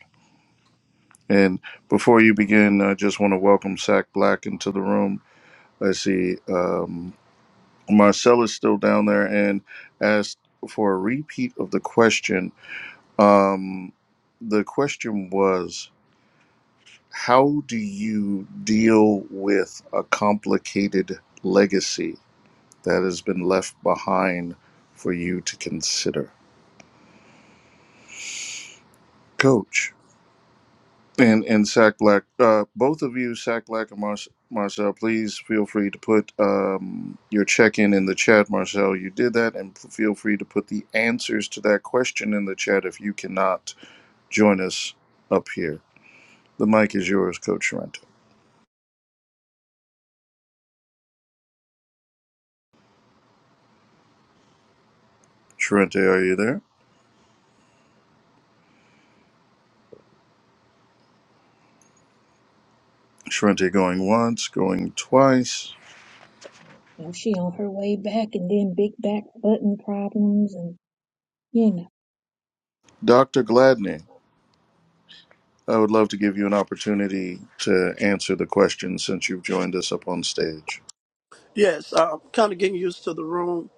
[SPEAKER 1] And before you begin, I just want to welcome Sack Black into the room. I see um, Marcella's still down there and asked for a repeat of the question. Um, the question was, how do you deal with a complicated legacy? that has been left behind for you to consider. Coach and and Sack Black, uh, both of you, Sack Black and Mar- Marcel, please feel free to put um, your check in in the chat. Marcel, you did that, and feel free to put the answers to that question in the chat if you cannot join us up here. The mic is yours, Coach Sharente. Sharente, are you there? Sharente going once, going twice.
[SPEAKER 5] You know, she on her way back and then big back button problems and, you know.
[SPEAKER 1] Dr. Gladney. I would love to give you an opportunity to answer the question since you've joined us up on stage.
[SPEAKER 6] Yes. Uh, kind of getting used to the room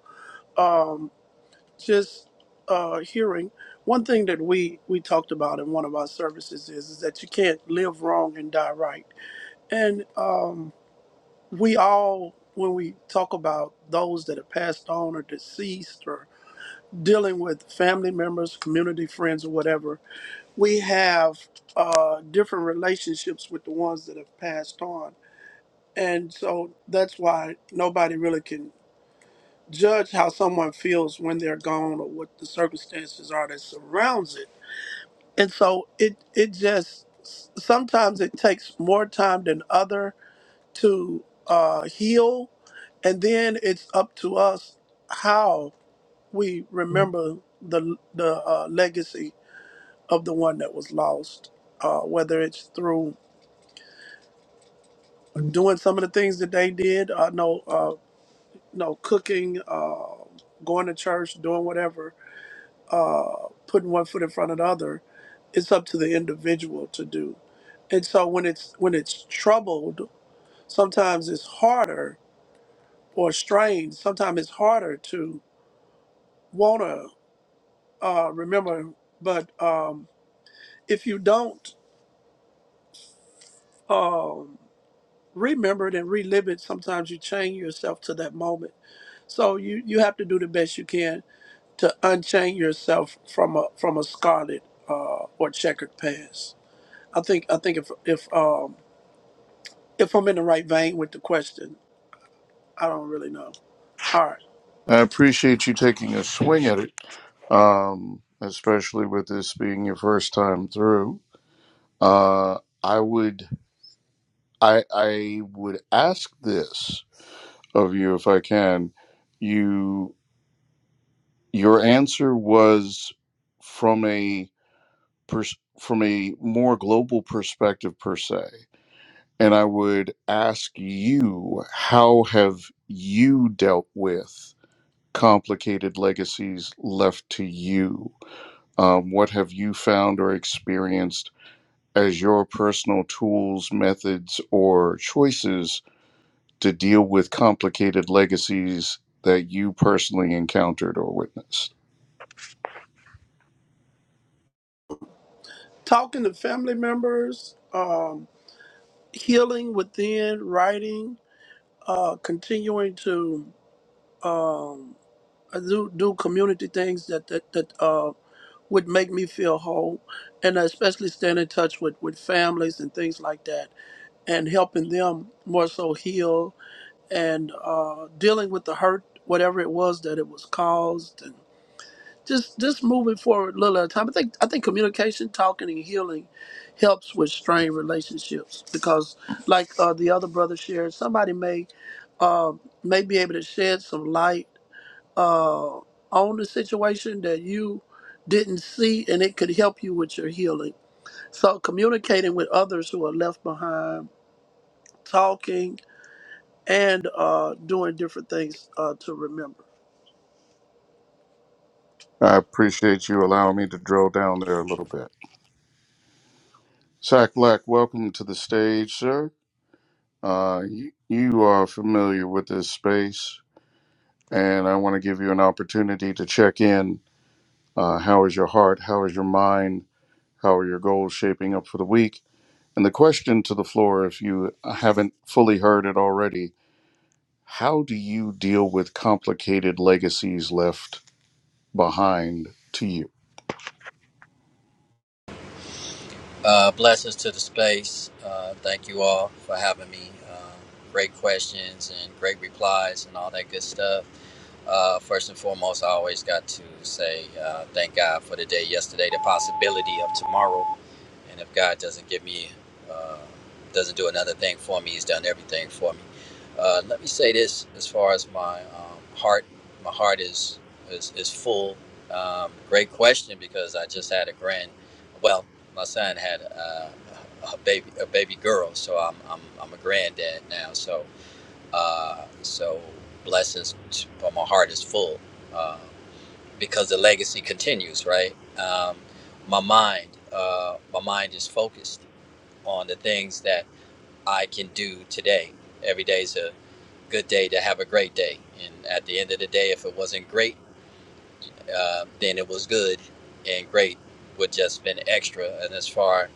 [SPEAKER 6] just uh, hearing one thing that we we talked about in one of our services is, is that you can't live wrong and die right and uh, we all when we talk about those that have passed on or deceased or dealing with family members community friends or whatever we have uh, different relationships with the ones that have passed on and so that's why nobody really can judge how someone feels when they're gone or what the circumstances are that surrounds it and so it it just s- sometimes it takes more time than other to uh, heal and then it's up to us how we remember the the uh, legacy of the one that was lost uh, whether it's through doing some of the things that they did uh, no uh, no cooking uh, going to church doing whatever uh, putting one foot in front of the other it's up to the individual to do And so when it's when it's troubled, sometimes it's harder or strained. Sometimes it's harder to wanna uh, remember. But um, if you don't um, remember it and relive it, sometimes you chain yourself to that moment. So you you have to do the best you can to unchain yourself from a from a scarlet uh, or checkered past. I think I think if if um, if I'm in the right vein with the question, I don't really know. All right.
[SPEAKER 1] I appreciate you taking a swing at it, um, especially with this being your first time through. Uh, I would, I, I would ask this of you if I can. You, your answer was from a pers- from a more global perspective per se. And I would ask you, how have you dealt with complicated legacies left to you? Um, what have you found or experienced as your personal tools, methods, or choices to deal with complicated legacies that you personally encountered or witnessed?
[SPEAKER 6] talking to family members, um, healing within, writing, uh, continuing to uh, do, do community things that that, that uh, would make me feel whole, and especially staying in touch with, with families and things like that, and helping them more so heal and uh, dealing with the hurt, whatever it was that it was caused, just just moving forward a little at a time. I think I think communication, talking, and healing helps with strained relationships because, like uh, the other brother shared, somebody may uh, may be able to shed some light uh, on the situation that you didn't see, and it could help you with your healing. So communicating with others who are left behind, talking, and uh, doing different things uh, to remember.
[SPEAKER 1] I appreciate you allowing me to drill down there a little bit. Zach Black, welcome to the stage, sir. Uh, you, you are familiar with this space and I want to give you an opportunity to check in. Uh, how is your heart? How is your mind? How are your goals shaping up for the week? And the question to the floor, if you haven't fully heard it already, how do you deal with complicated legacies left behind to you?
[SPEAKER 8] Uh, blessings to the space. Uh, thank you all for having me. Uh, great questions and great replies and all that good stuff. Uh, first and foremost, I always got to say uh, thank God for the day yesterday, the possibility of tomorrow. And if God doesn't give me, uh, doesn't do another thing for me, He's done everything for me. Uh, let me say this: as far as my um, heart, my heart is is, is full. Um, great question because I just had a grand. Well, my son had uh, a baby, a baby girl, so I'm I'm, I'm a granddad now. So uh, so blessings. To, but my heart is full. Uh, because the legacy continues, right? Um, my mind, uh, my mind is focused on the things that I can do today. Every day is a good day to have a great day, and at the end of the day, if it wasn't great, uh, then it was good, and great would just been extra. And as far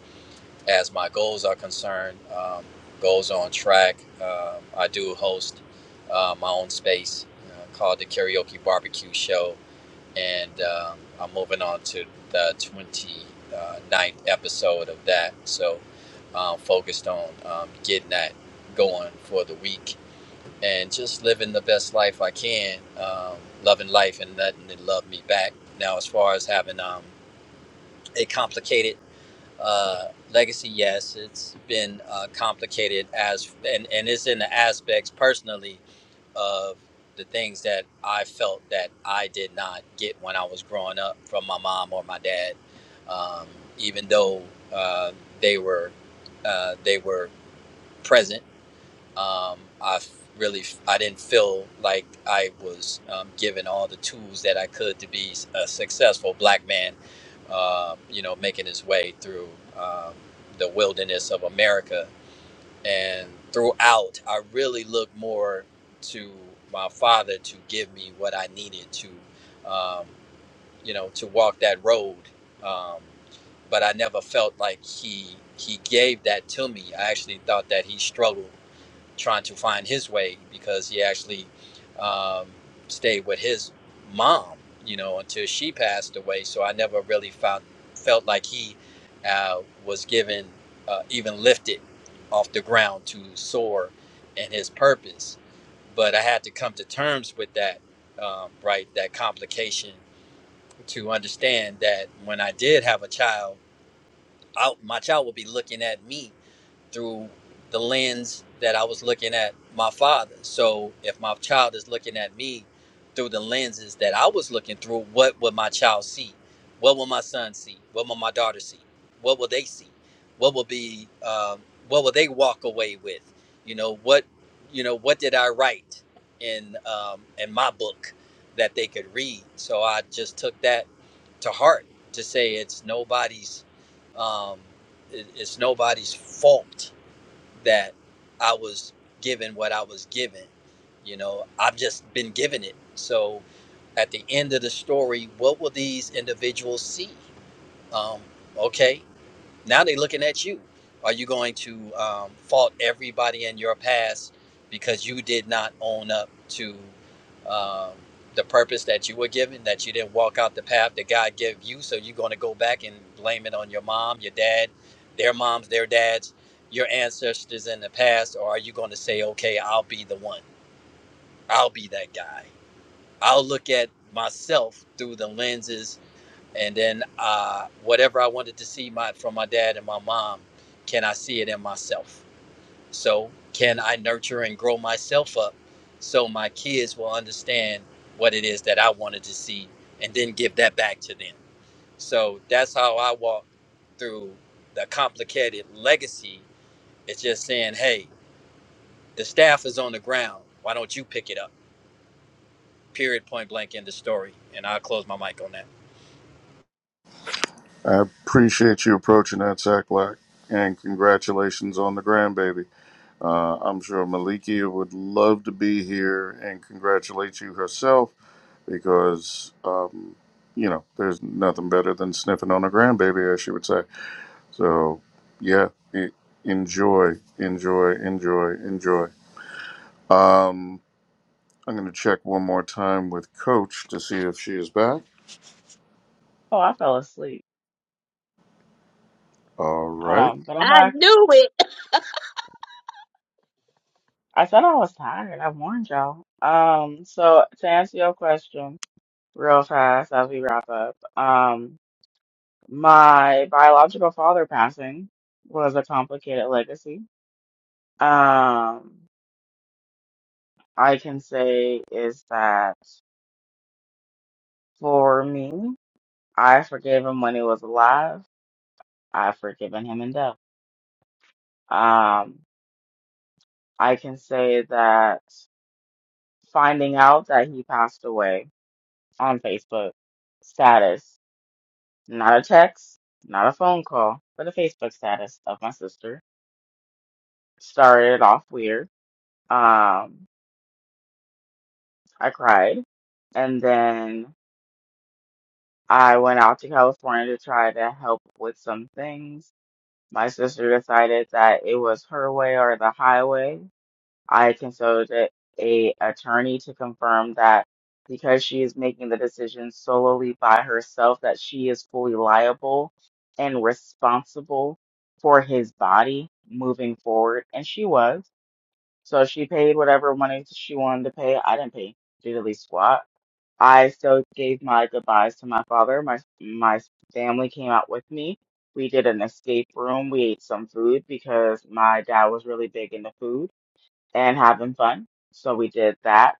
[SPEAKER 8] as my goals are concerned, um, goals on track. Um I do host uh, my own space uh, called the Karaoke Barbecue Show and um, I'm moving on to the 29th episode of that. So, um, focused on um, getting that going for the week and just living the best life I can, um, loving life and letting it love me back. Now, as far as having um, a complicated uh, legacy, yes, it's been uh, complicated as and and it's in the aspects personally of the things that I felt that I did not get when I was growing up from my mom or my dad, um, even though uh, they were uh, they were present. Um, I f- really I didn't feel like I was um, given all the tools that I could to be a successful black man. Uh, you know, making his way through um, the wilderness of America and throughout i really looked more to my father to give me what i needed to um, you know to walk that road um, but i never felt like he he gave that to me i actually thought that he struggled trying to find his way because he actually um, stayed with his mom, you know, until she passed away. So I never really found felt like he uh, was given uh, even lifted off the ground to soar in his purpose. But I had to come to terms with that, um, right? That complication to understand that when I did have a child, I, my child would be looking at me through the lens that I was looking at my father. So if my child is looking at me through the lenses that I was looking through, what would my child see? What will my son see? What will my daughter see? What will they see? What will be? Um, what will they walk away with? You know what? You know what did I write in um, in my book that they could read? So I just took that to heart to say it's nobody's. Um, it- it's nobody's fault that I was given what I was given. You know, I've just been given it. So at the end of the story, what will these individuals see? Um, okay, now they're looking at you. Are you going to um, fault everybody in your past because you did not own up to um, the purpose that you were given, that you didn't walk out the path that God gave you? So you're going to go back and blame it on your mom, your dad, their moms, their dads, your ancestors in the past? Or are you going to say, okay, I'll be the one? I'll be that guy. I'll look at myself through the lenses and then uh, whatever I wanted to see my from my dad and my mom, can I see it in myself? So can I nurture and grow myself up so my kids will understand what it is that I wanted to see, and then give that back to them. So that's how I walk through the complicated legacy. It's just saying, hey, the staff is on the ground. Why don't you pick it up? Period. Point blank. End of story. And I'll close my mic on that.
[SPEAKER 1] I appreciate you approaching that, Zach Black, and congratulations on the grandbaby. Uh, I'm sure Malikia would love to be here and congratulate you herself because um, you know there's nothing better than sniffing on a grandbaby, as she would say. So yeah, e- enjoy, enjoy, enjoy, enjoy. Um, I'm going to check one more time with Coach to see if she is back.
[SPEAKER 2] Oh, I fell asleep.
[SPEAKER 1] All right,
[SPEAKER 2] Um, but I'm
[SPEAKER 3] I
[SPEAKER 2] back.
[SPEAKER 3] knew it.
[SPEAKER 2] I said I was tired. I warned y'all. Um, so to answer your question real fast as we wrap up, um, my biological father passing was a complicated legacy Um, I can say is that for me, I forgave him when he was alive. I've forgiven him in death. Um, I can say that finding out that he passed away on Facebook status, not a text, not a phone call, but a Facebook status of my sister started off weird. Um, I cried and then I went out to California to try to help with some things My sister decided that it was her way or the highway. I consulted a attorney to confirm that because she is making the decision solely by herself, that she is fully liable and responsible for his body moving forward, and she was. So she paid whatever money she wanted to pay. I didn't pay diddly squat I still gave my goodbyes to my father. My my family came out with me. We did an escape room. We ate some food because my dad was really big into food and having fun. So we did that.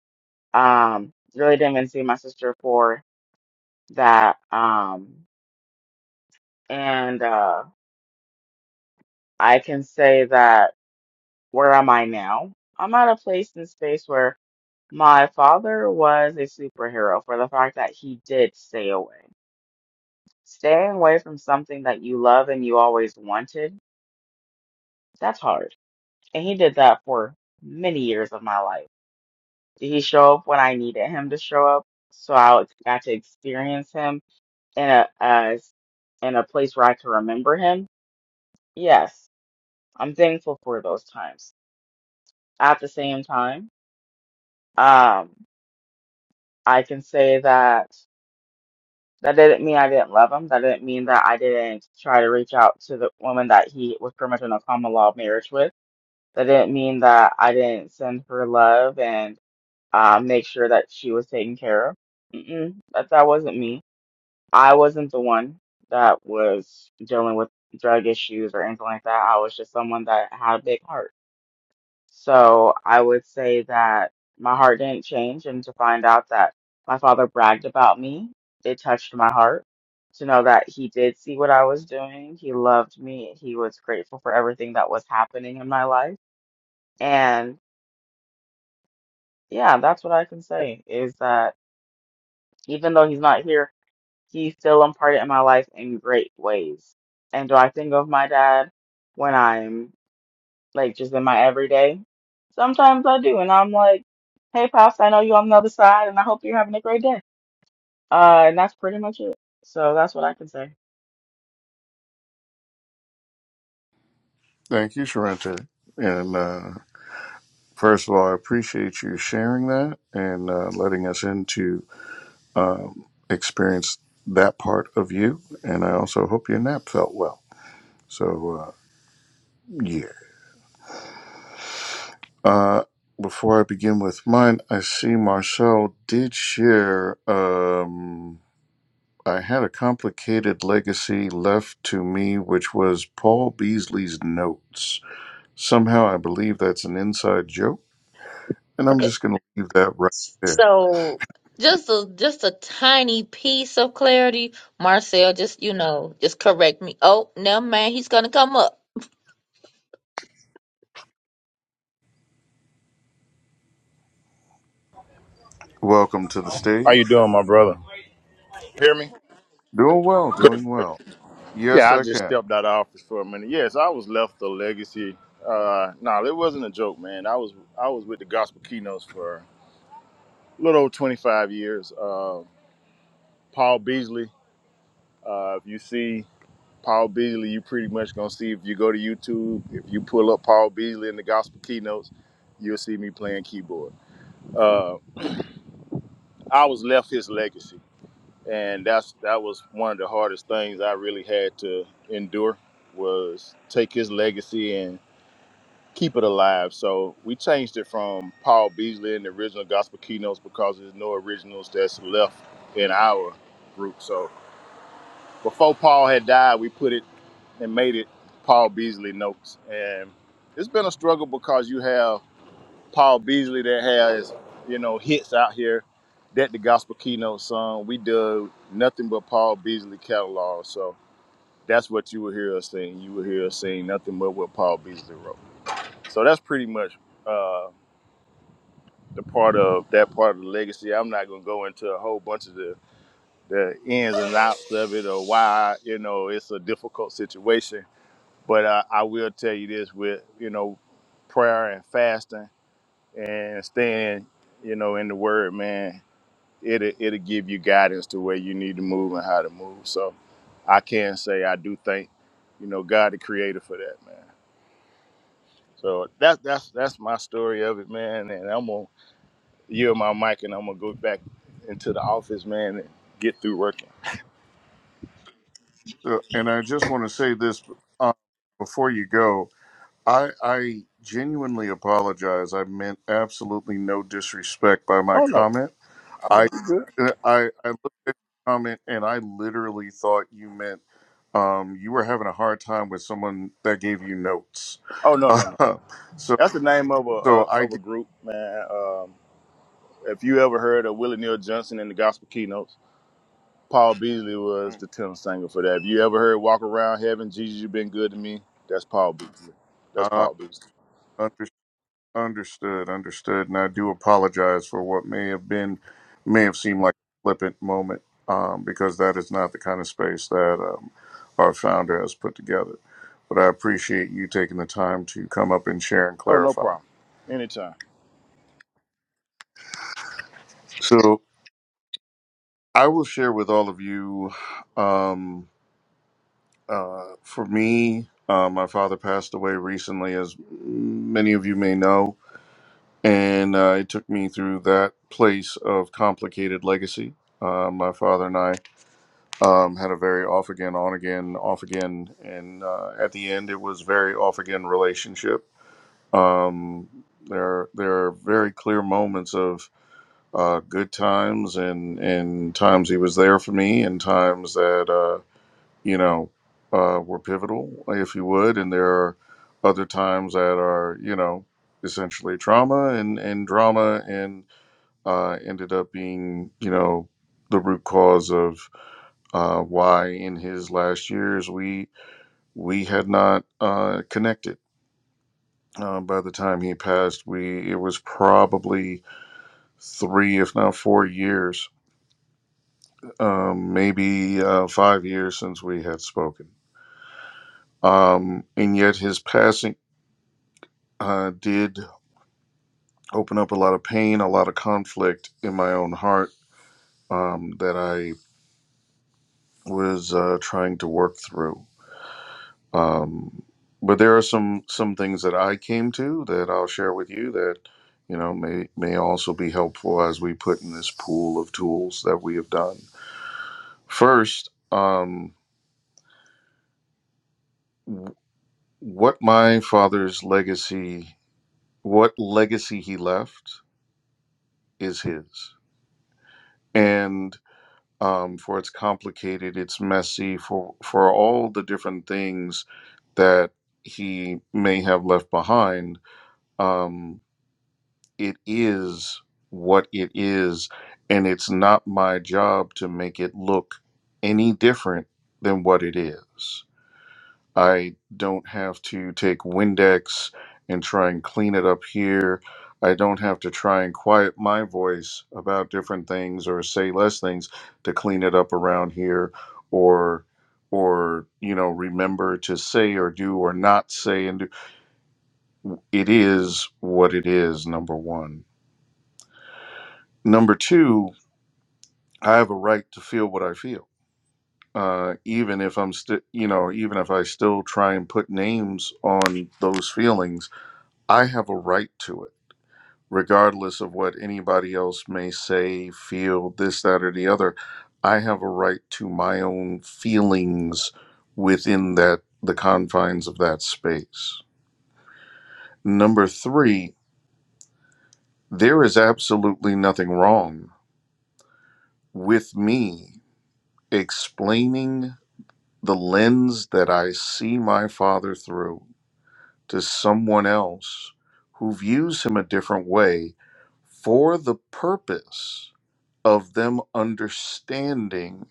[SPEAKER 2] Um, really didn't even see my sister for that. Um, and uh, I can say that where am I now? I'm at a place in space where my father was a superhero for the fact that he did stay away. Staying away from something that you love and you always wanted, that's hard. And he did that for many years of my life. He show up when I needed him to show up, so I got to experience him in a as in a place where I can remember him. Yes, I'm thankful for those times. At the same time, um, I can say that that didn't mean I didn't love him. That didn't mean that I didn't try to reach out to the woman that he was pretty much in a common law marriage with That didn't mean that I didn't send her love and uh, make sure that she was taken care of. Mm-mm, that that wasn't me. I wasn't the one that was dealing with drug issues or anything like that. I was just someone that had a big heart. So I would say that my heart didn't change, and to find out that my father bragged about me, it touched my heart. To know that he did see what I was doing, he loved me, he was grateful for everything that was happening in my life Yeah, that's what I can say is that even though he's not here, he's still imparted in my life in great ways. And do I think of my dad when I'm like just in my everyday? Sometimes I do, and I'm like, "Hey, pops, I know you on the other side, and I hope you're having a great day." Uh, and that's pretty much it. So that's what I can say.
[SPEAKER 1] thank you, Sharente. And uh, first of all, I appreciate you sharing that and uh, letting us into um, experience that part of you. And I also hope your nap felt well. So uh, yeah. Uh, before I begin with mine, I see Marcel did share. Um, I had a complicated legacy left to me, which was Paul Beasley's notes. Somehow I believe that's an inside joke, and I'm
[SPEAKER 3] Okay.
[SPEAKER 1] just going to leave that right there.
[SPEAKER 3] So just a just a tiny piece of clarity, Marcel. Just you know, just correct me. Oh, no, man, he's gonna come up.
[SPEAKER 1] Welcome to the
[SPEAKER 9] How
[SPEAKER 1] stage.
[SPEAKER 9] you doing, my brother? Hear me?
[SPEAKER 1] Doing well, doing well. Yes,
[SPEAKER 9] Yeah, I
[SPEAKER 1] I
[SPEAKER 9] just
[SPEAKER 1] can.
[SPEAKER 9] stepped out of office for a minute. Yes, I was left a legacy. Uh, no, it wasn't a joke, man. I was I was with the Gospel Keynotes for a little over 25 years. Uh, Paul Beasley. Uh, if you see Paul Beasley, you pretty much gonna see if you go to YouTube. If you pull up Paul Beasley in the Gospel Keynotes, you'll see me playing keyboard. Uh, I was left his legacy. and that's that was one of the hardest things I really had to endure was take his legacy and keep it alive. So we changed it from Paul Beasley and the original gospel keynotes because there's no originals that's left in our group. So before Paul had died, we put it and made it Paul Beasley notes. And it's been a struggle because you have Paul Beasley that has, you know, hits out here that the gospel keynote song. We dug nothing but Paul Beasley catalog. So that's what you will hear us sing. You will hear us sing nothing but what Paul Beasley wrote. So that's pretty much uh, the part of that part of the legacy. I'm not gonna go into a whole bunch of the, the ins and outs of it or why, you know, it's a difficult situation. But I, I will tell you this with, you know, prayer and fasting. and staying, you know, in the word, man, it'll it'll give you guidance to where you need to move and how to move. So I can say I do thank, you know, God the creator for that, man. So that's that's that's my story of it, man. And I'm gonna yield my mic and I'm gonna go back into the office, man, and get through working.
[SPEAKER 1] Uh, and I just want to say this uh, before you go. I I genuinely apologize. I meant absolutely no disrespect by my
[SPEAKER 9] Oh no.
[SPEAKER 1] comment.
[SPEAKER 9] I mean
[SPEAKER 1] I
[SPEAKER 9] you good.
[SPEAKER 1] uh, I I looked at your comment and I literally thought you meant um, you were having a hard time with someone that gave you notes.
[SPEAKER 9] Oh no, no, no.
[SPEAKER 1] so
[SPEAKER 9] That's the name of a, a
[SPEAKER 1] so I
[SPEAKER 9] of a group, man. Um, if you ever heard of Willie Neal Johnson in the gospel keynotes, Paul Beasley was
[SPEAKER 1] didn't
[SPEAKER 9] the tenor singer for that. If you ever heard "Walk Around Heaven," Jesus, you've been good to me. That's Paul Beasley. That's Paul
[SPEAKER 1] uh,
[SPEAKER 9] Beasley.
[SPEAKER 1] Understood, understood. And I do apologize for what may have been, may have seemed like a flippant moment, um, because that is not the kind of space that um, our founder has put together. But I appreciate you taking the time to come up and share and
[SPEAKER 9] Oh, no
[SPEAKER 1] clarify.
[SPEAKER 9] problem. Anytime.
[SPEAKER 1] So I will share with all of you. Um, uh, for me, uh, my father passed away recently, as many of you may know, and uh, it took me through that place of complicated legacy. Uh, my father and I um, had a very off again, on again, off again, and uh, at the end, it was very off again relationship. Um, there, there are very clear moments of uh, good times and and times he was there for me, and times that uh, you know uh, were pivotal, if you would, and there are other times that are you know essentially trauma and and drama and uh, ended up being you know the root cause of uh, why in his last years we we had not uh, connected. Uh, by the time he passed, we it was probably three, if not four years, um, maybe uh, five years since we had spoken. Um, and yet his passing uh, did open up a lot of pain, a lot of conflict in my own heart um, that I was uh, trying to work through Um, but there are some some things that I came to that I'll share with you that you know may may also be helpful as we put in this pool of tools that we have done. First, um, w- what my father's legacy, what legacy he left, is his, and um, for it's complicated, it's messy, for for all the different things that he may have left behind. Um, it is what it is, and it's not my job to make it look any different than what it is. I don't have to take Windex and try and clean it up here. I don't have to try and quiet my voice about different things or say less things to clean it up around here or or you know remember to say or do or not say and do. it is what it is number 1 number 2 I have a right to feel what I feel, uh, even if I'm still, you know, even if I still try and put names on those feelings, I have a right to it, regardless of what anybody else may say, feel, this, that, or the other. I have a right to my own feelings within that the confines of that space. Number three, there is absolutely nothing wrong with me explaining the lens that I see my father through to someone else who views him a different way for the purpose of them understanding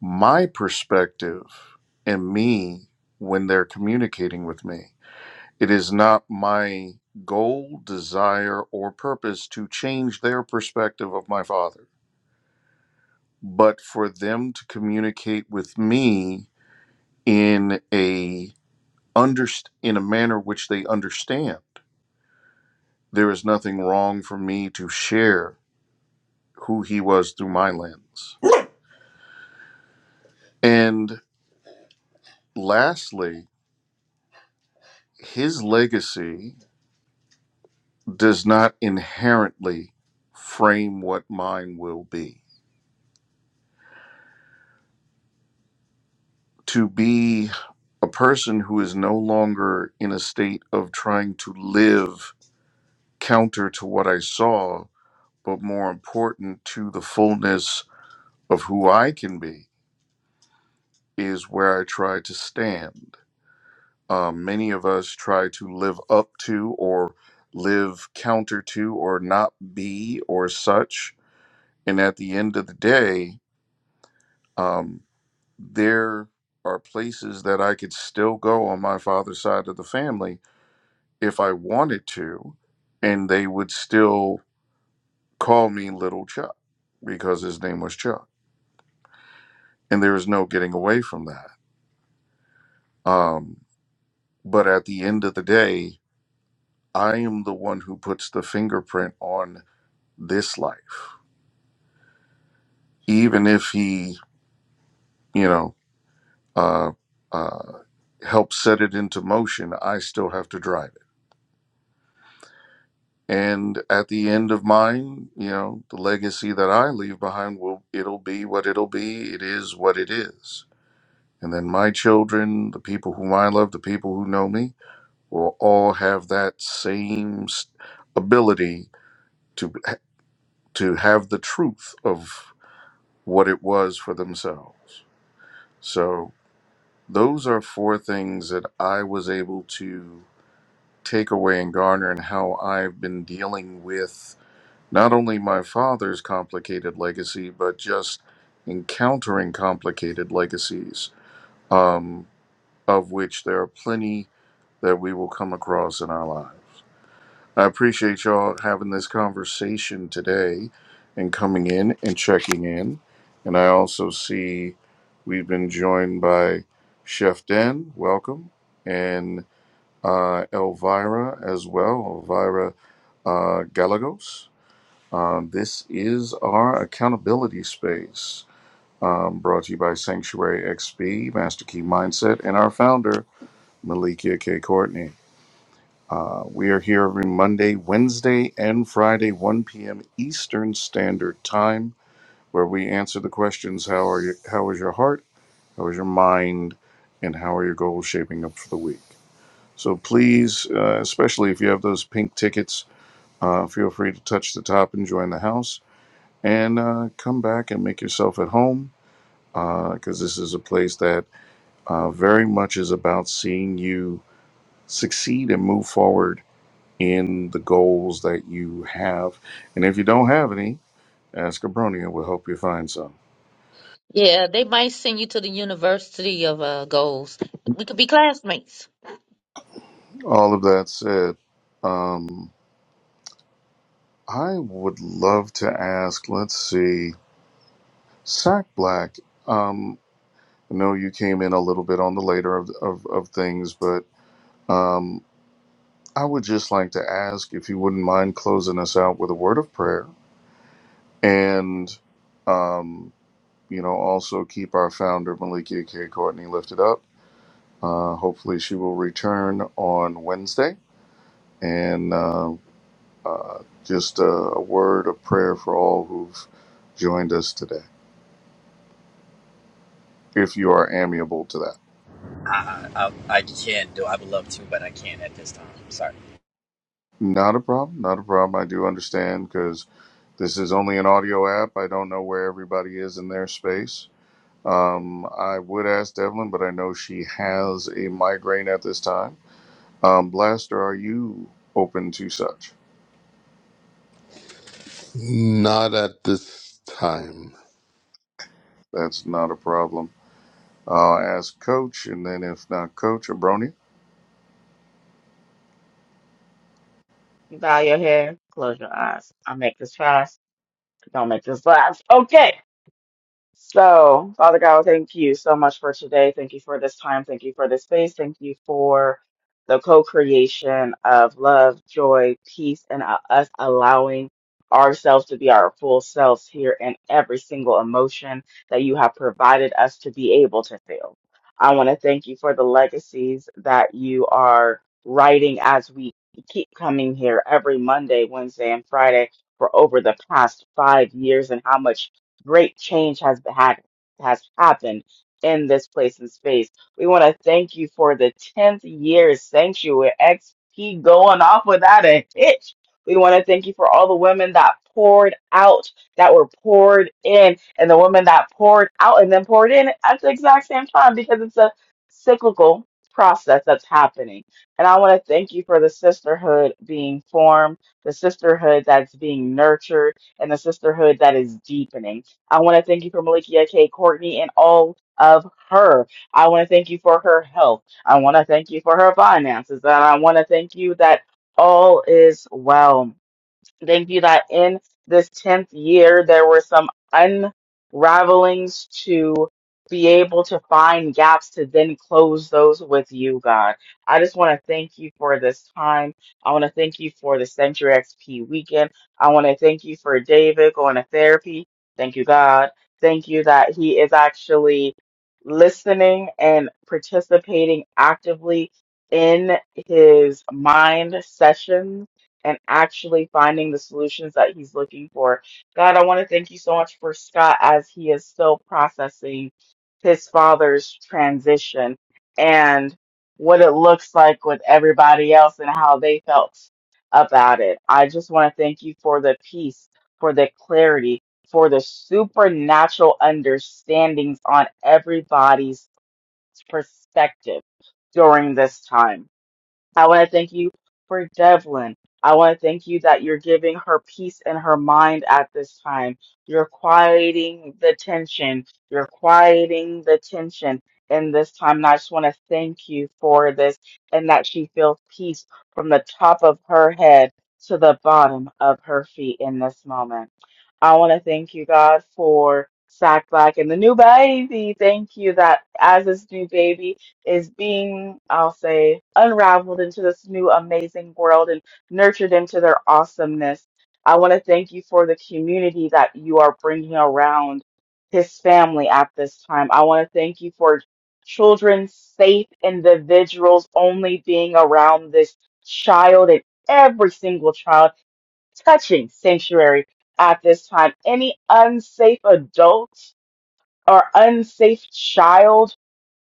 [SPEAKER 1] my perspective and me when they're communicating with me. It is not my goal, desire, or purpose to change their perspective of my father, but for them to communicate with me in a underst- in a manner which they understand. There is nothing wrong for me to share who he was through my lens. And lastly, his legacy does not inherently frame what mine will be. To be a person who is no longer in a state of trying to live counter to what I saw, but more important to the fullness of who I can be is where I try to stand. Um, many of us try to live up to or live counter to or not be or such. And at the end of the day, um, there are places that I could still go on my father's side of the family if I wanted to, and they would still call me Little Chuck because his name was Chuck. And there is no getting away from that. Um, but at the end of the day, I am the one who puts the fingerprint on this life. Even if he, you know, uh, uh, helps set it into motion, I still have to drive it. And at the end of mine, you know, the legacy that I leave behind will it'll be what it'll be. It is what it is. And then my children, the people whom I love, the people who know me, will all have that same s- ability to to have the truth of what it was for themselves. So, those are four things that I was able to take away and garner, and how I've been dealing with not only my father's complicated legacy, but just encountering complicated legacies, um, of which there are plenty that we will come across in our lives. I appreciate y'all having this conversation today and coming in and checking in. And I also see we've been joined by Chef Den, welcome, and uh, Elvira as well, Elvira uh, Galagos. Uh, this is our accountability space um, brought to you by Sanctuary XP, Master Key Mindset, and our founder, Malikia K. Courtney. Uh, we are here every Monday, Wednesday, and Friday, 1 p.m. Eastern Standard Time, where we answer the questions: How are you? How is your heart? How is your mind? And how are your goals shaping up for the week? So please, uh, especially if you have those pink tickets, uh, feel free to touch the top and join the house, and uh, come back and make yourself at home, because this is a place that uh, very much is about seeing you succeed and move forward in the goals that you have. And if you don't have any, ask Abronia. We'll help you find some.
[SPEAKER 3] Yeah, they might send you to the University of uh, Goals. We could be classmates.
[SPEAKER 1] All of that said, um, I would love to ask, let's see, Sack Black. Um, I know you came in a little bit on the later of, of, of things, but um, I would just like to ask if you wouldn't mind closing us out with a word of prayer and, um, you know, also keep our founder, Malikia K. Courtney, lifted up Uh, hopefully, she will return on Wednesday. And uh, uh, just a, a word of prayer for all who've joined us today, if you are amiable to that.
[SPEAKER 8] I, I can do. I would love to, but I can't at this time. Sorry.
[SPEAKER 1] Not a problem. Not a problem. I do understand because this is only an audio app. I don't know where everybody is in their space. Um, I would ask Devlin, but I know she has a migraine at this time. Um, Blaster, are you open to such?
[SPEAKER 4] Not at this time.
[SPEAKER 1] That's not a problem. I'll Coach, and then if not Coach, Abroni.
[SPEAKER 2] Bow your head, close your eyes. I make this fast. Don't make this last. Okay. So, Father God, thank you so much for today. Thank you for this time. Thank you for this space. Thank you for the co creation of love, joy, peace, and uh, us allowing ourselves to be our full selves here in every single emotion that you have provided us to be able to feel. I want to thank you for the legacies that you are writing as we keep coming here every Monday, Wednesday, and Friday for over the past five years and how much great change has been had has happened in this place and space. We want to thank you for the 10th year sanctuary XP going off without a hitch. We want to thank you for all the women that poured out, that were poured in, and the women that poured out and then poured in at the exact same time because it's a cyclical process that's happening. And I want to thank you for the sisterhood being formed, the sisterhood that's being nurtured, and the sisterhood that is deepening. I want to thank you for Malikia K. Courtney and all of her. I want to thank you for her health. I want to thank you for her finances. And I want to thank you that all is well. Thank you that in this 10th year, there were some unravelings to be able to find gaps to then close those with you, God. I just want to thank you for this time. I want to thank you for the Century XP weekend. I want to thank you for David going to therapy. Thank you, God. Thank you that he is actually listening and participating actively in his mind sessions and actually finding the solutions that he's looking for. God, I want to thank you so much for Scott as he is still processing his father's transition and what it looks like with everybody else and how they felt about it. I just want to thank you for the peace, for the clarity, for the supernatural understandings on everybody's perspective during this time. I want to thank you for Devlin. I want to thank you that you're giving her peace in her mind at this time. You're quieting the tension. You're quieting the tension in this time. And I just want to thank you for this and that she feels peace from the top of her head to the bottom of her feet in this moment. I want to thank you, God, for Sack Black and the new baby. Thank you that as this new baby, is being, I'll say, unraveled into this new amazing world and nurtured into their awesomeness. I want to thank you for the community that you are bringing around his family at this time. I want to thank you for children, safe individuals only being around this child and every single child touching sanctuary at this time. Any unsafe adult or unsafe child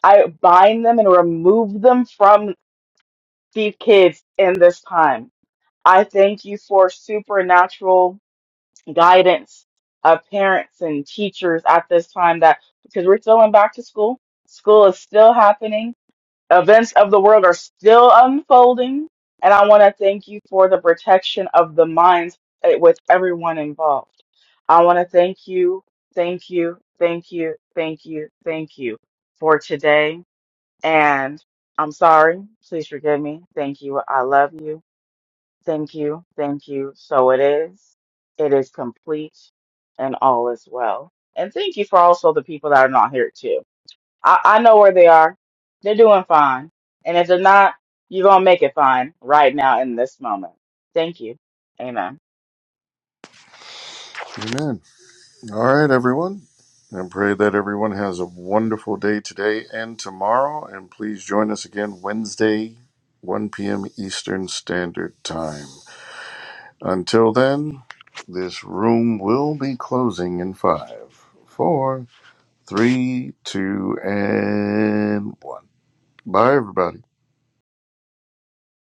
[SPEAKER 2] I bind them and remove them from these kids in this time. I thank you for supernatural guidance of parents and teachers at this time that because we're still in back to school, school is still happening, events of the world are still unfolding. And I want to thank you for the protection of the minds eh, with everyone involved. I want to thank you, thank you, thank you, thank you, thank you for today and I'm sorry. Please forgive me. Thank you. I love you. Thank you. Thank you. So it is. It is complete and all is well. And thank you for also the people that are not here too. I, I know where they are. They're doing fine. And if they're not, you're going to make it fine right now in this moment. Thank you. Amen.
[SPEAKER 1] Amen. All right, everyone. I pray that everyone has a wonderful day today and tomorrow. And please join us again Wednesday, 1 p.m. Eastern Standard Time. Until then, this room will be closing in five, four, three, two, and one. Bye, everybody.